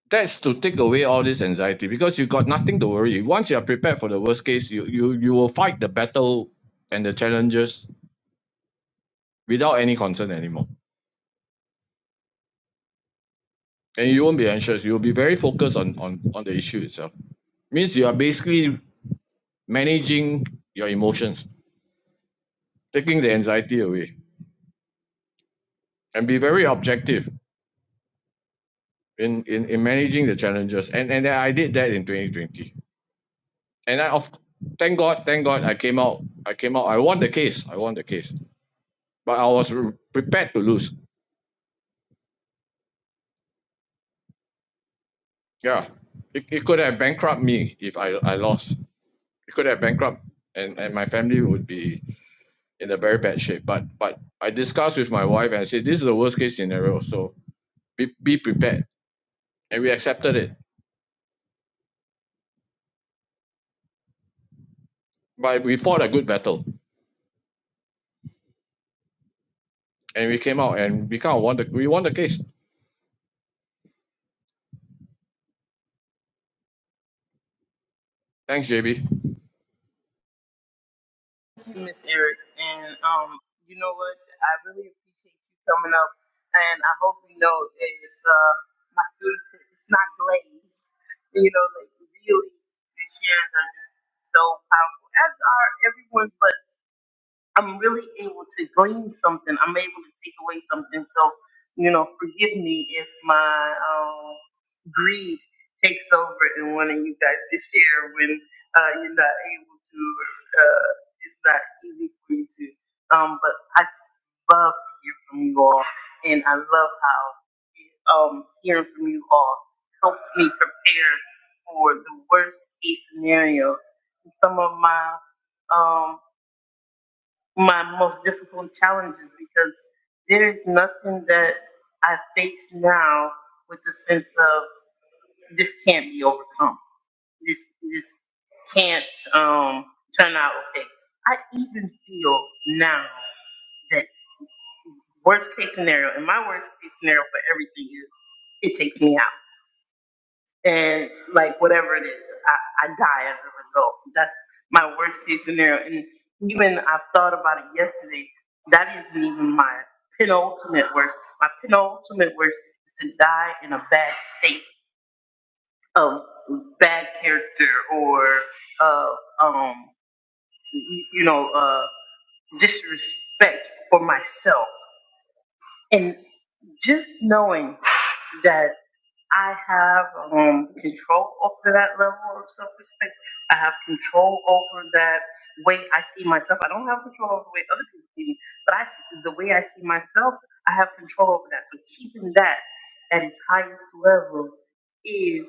Speaker 5: that's to take away all this anxiety because you got nothing to worry once you are prepared for the worst case you you you will fight the battle and the challenges without any concern anymore and you won't be anxious you'll be very focused on on on the issue itself means you are basically managing your emotions taking the anxiety away and be very objective in in, in managing the challenges and and i did that in 2020 and i of thank god thank god i came out i came out i won the case i won the case but I was prepared to lose. Yeah, it, it could have bankrupted me if I, I lost. It could have bankrupted, and, and my family would be in a very bad shape. But but I discussed with my wife and I said this is the worst case scenario. So be, be prepared, and we accepted it. But we fought a good battle, and we came out and we kind of won the we won the case. Thanks, JB.
Speaker 1: Thank you, Miss Eric, and um, you know what? I really appreciate you coming up, and I hope you know it's uh, my students. It's not glaze. You know, like really, the shares are just so powerful, as are everyone's. but. I'm really able to glean something. I'm able to take away something. So, you know, forgive me if my um, greed takes over and wanting you guys to share when uh, you're not able to. Uh, it's not easy for you to. Um, but I just love to hear from you all, and I love how um, hearing from you all helps me prepare for the worst case scenario. Some of my um, my most difficult challenges because there is nothing that I face now with the sense of this can't be overcome. This this can't um, turn out okay. I even feel now that worst case scenario, and my worst case scenario for everything is it takes me out. and like whatever it is, I, I die as a result. That's my worst case scenario. And even I thought about it yesterday. That isn't even my penultimate worst. My penultimate worst is to die in a bad state of bad character or uh, um, y- you know uh, disrespect for myself. And just knowing that. I have um, control over that level of self respect. I have control over that way I see myself. I don't have control over the way other people see me, but I see the way I see myself, I have control over that. So keeping that at its highest level is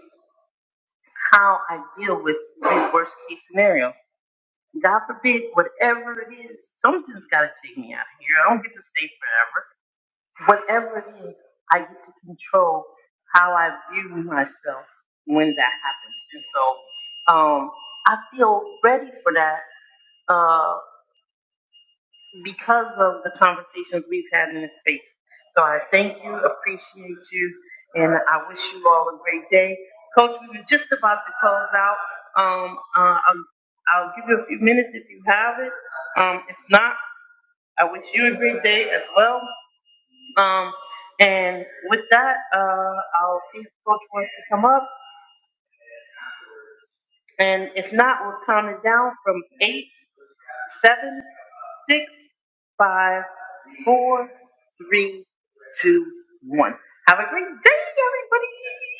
Speaker 1: how I deal with the worst case scenario. God forbid, whatever it is, something's got to take me out of here. I don't get to stay forever whatever it is, I get to control how I view myself when that happens. And so um, I feel ready for that uh, because of the conversations we've had in this space. So I thank you, appreciate you, and I wish you all a great day. Coach, we were just about to close out. Um, uh, I'll, I'll give you a few minutes if you have it. Um, if not, I wish you a great day as well. Um, and with that, uh, I'll see if Coach wants to come up. And if not, we'll count it down from eight, seven, six, five, four, three, two, one. Have a great day, everybody.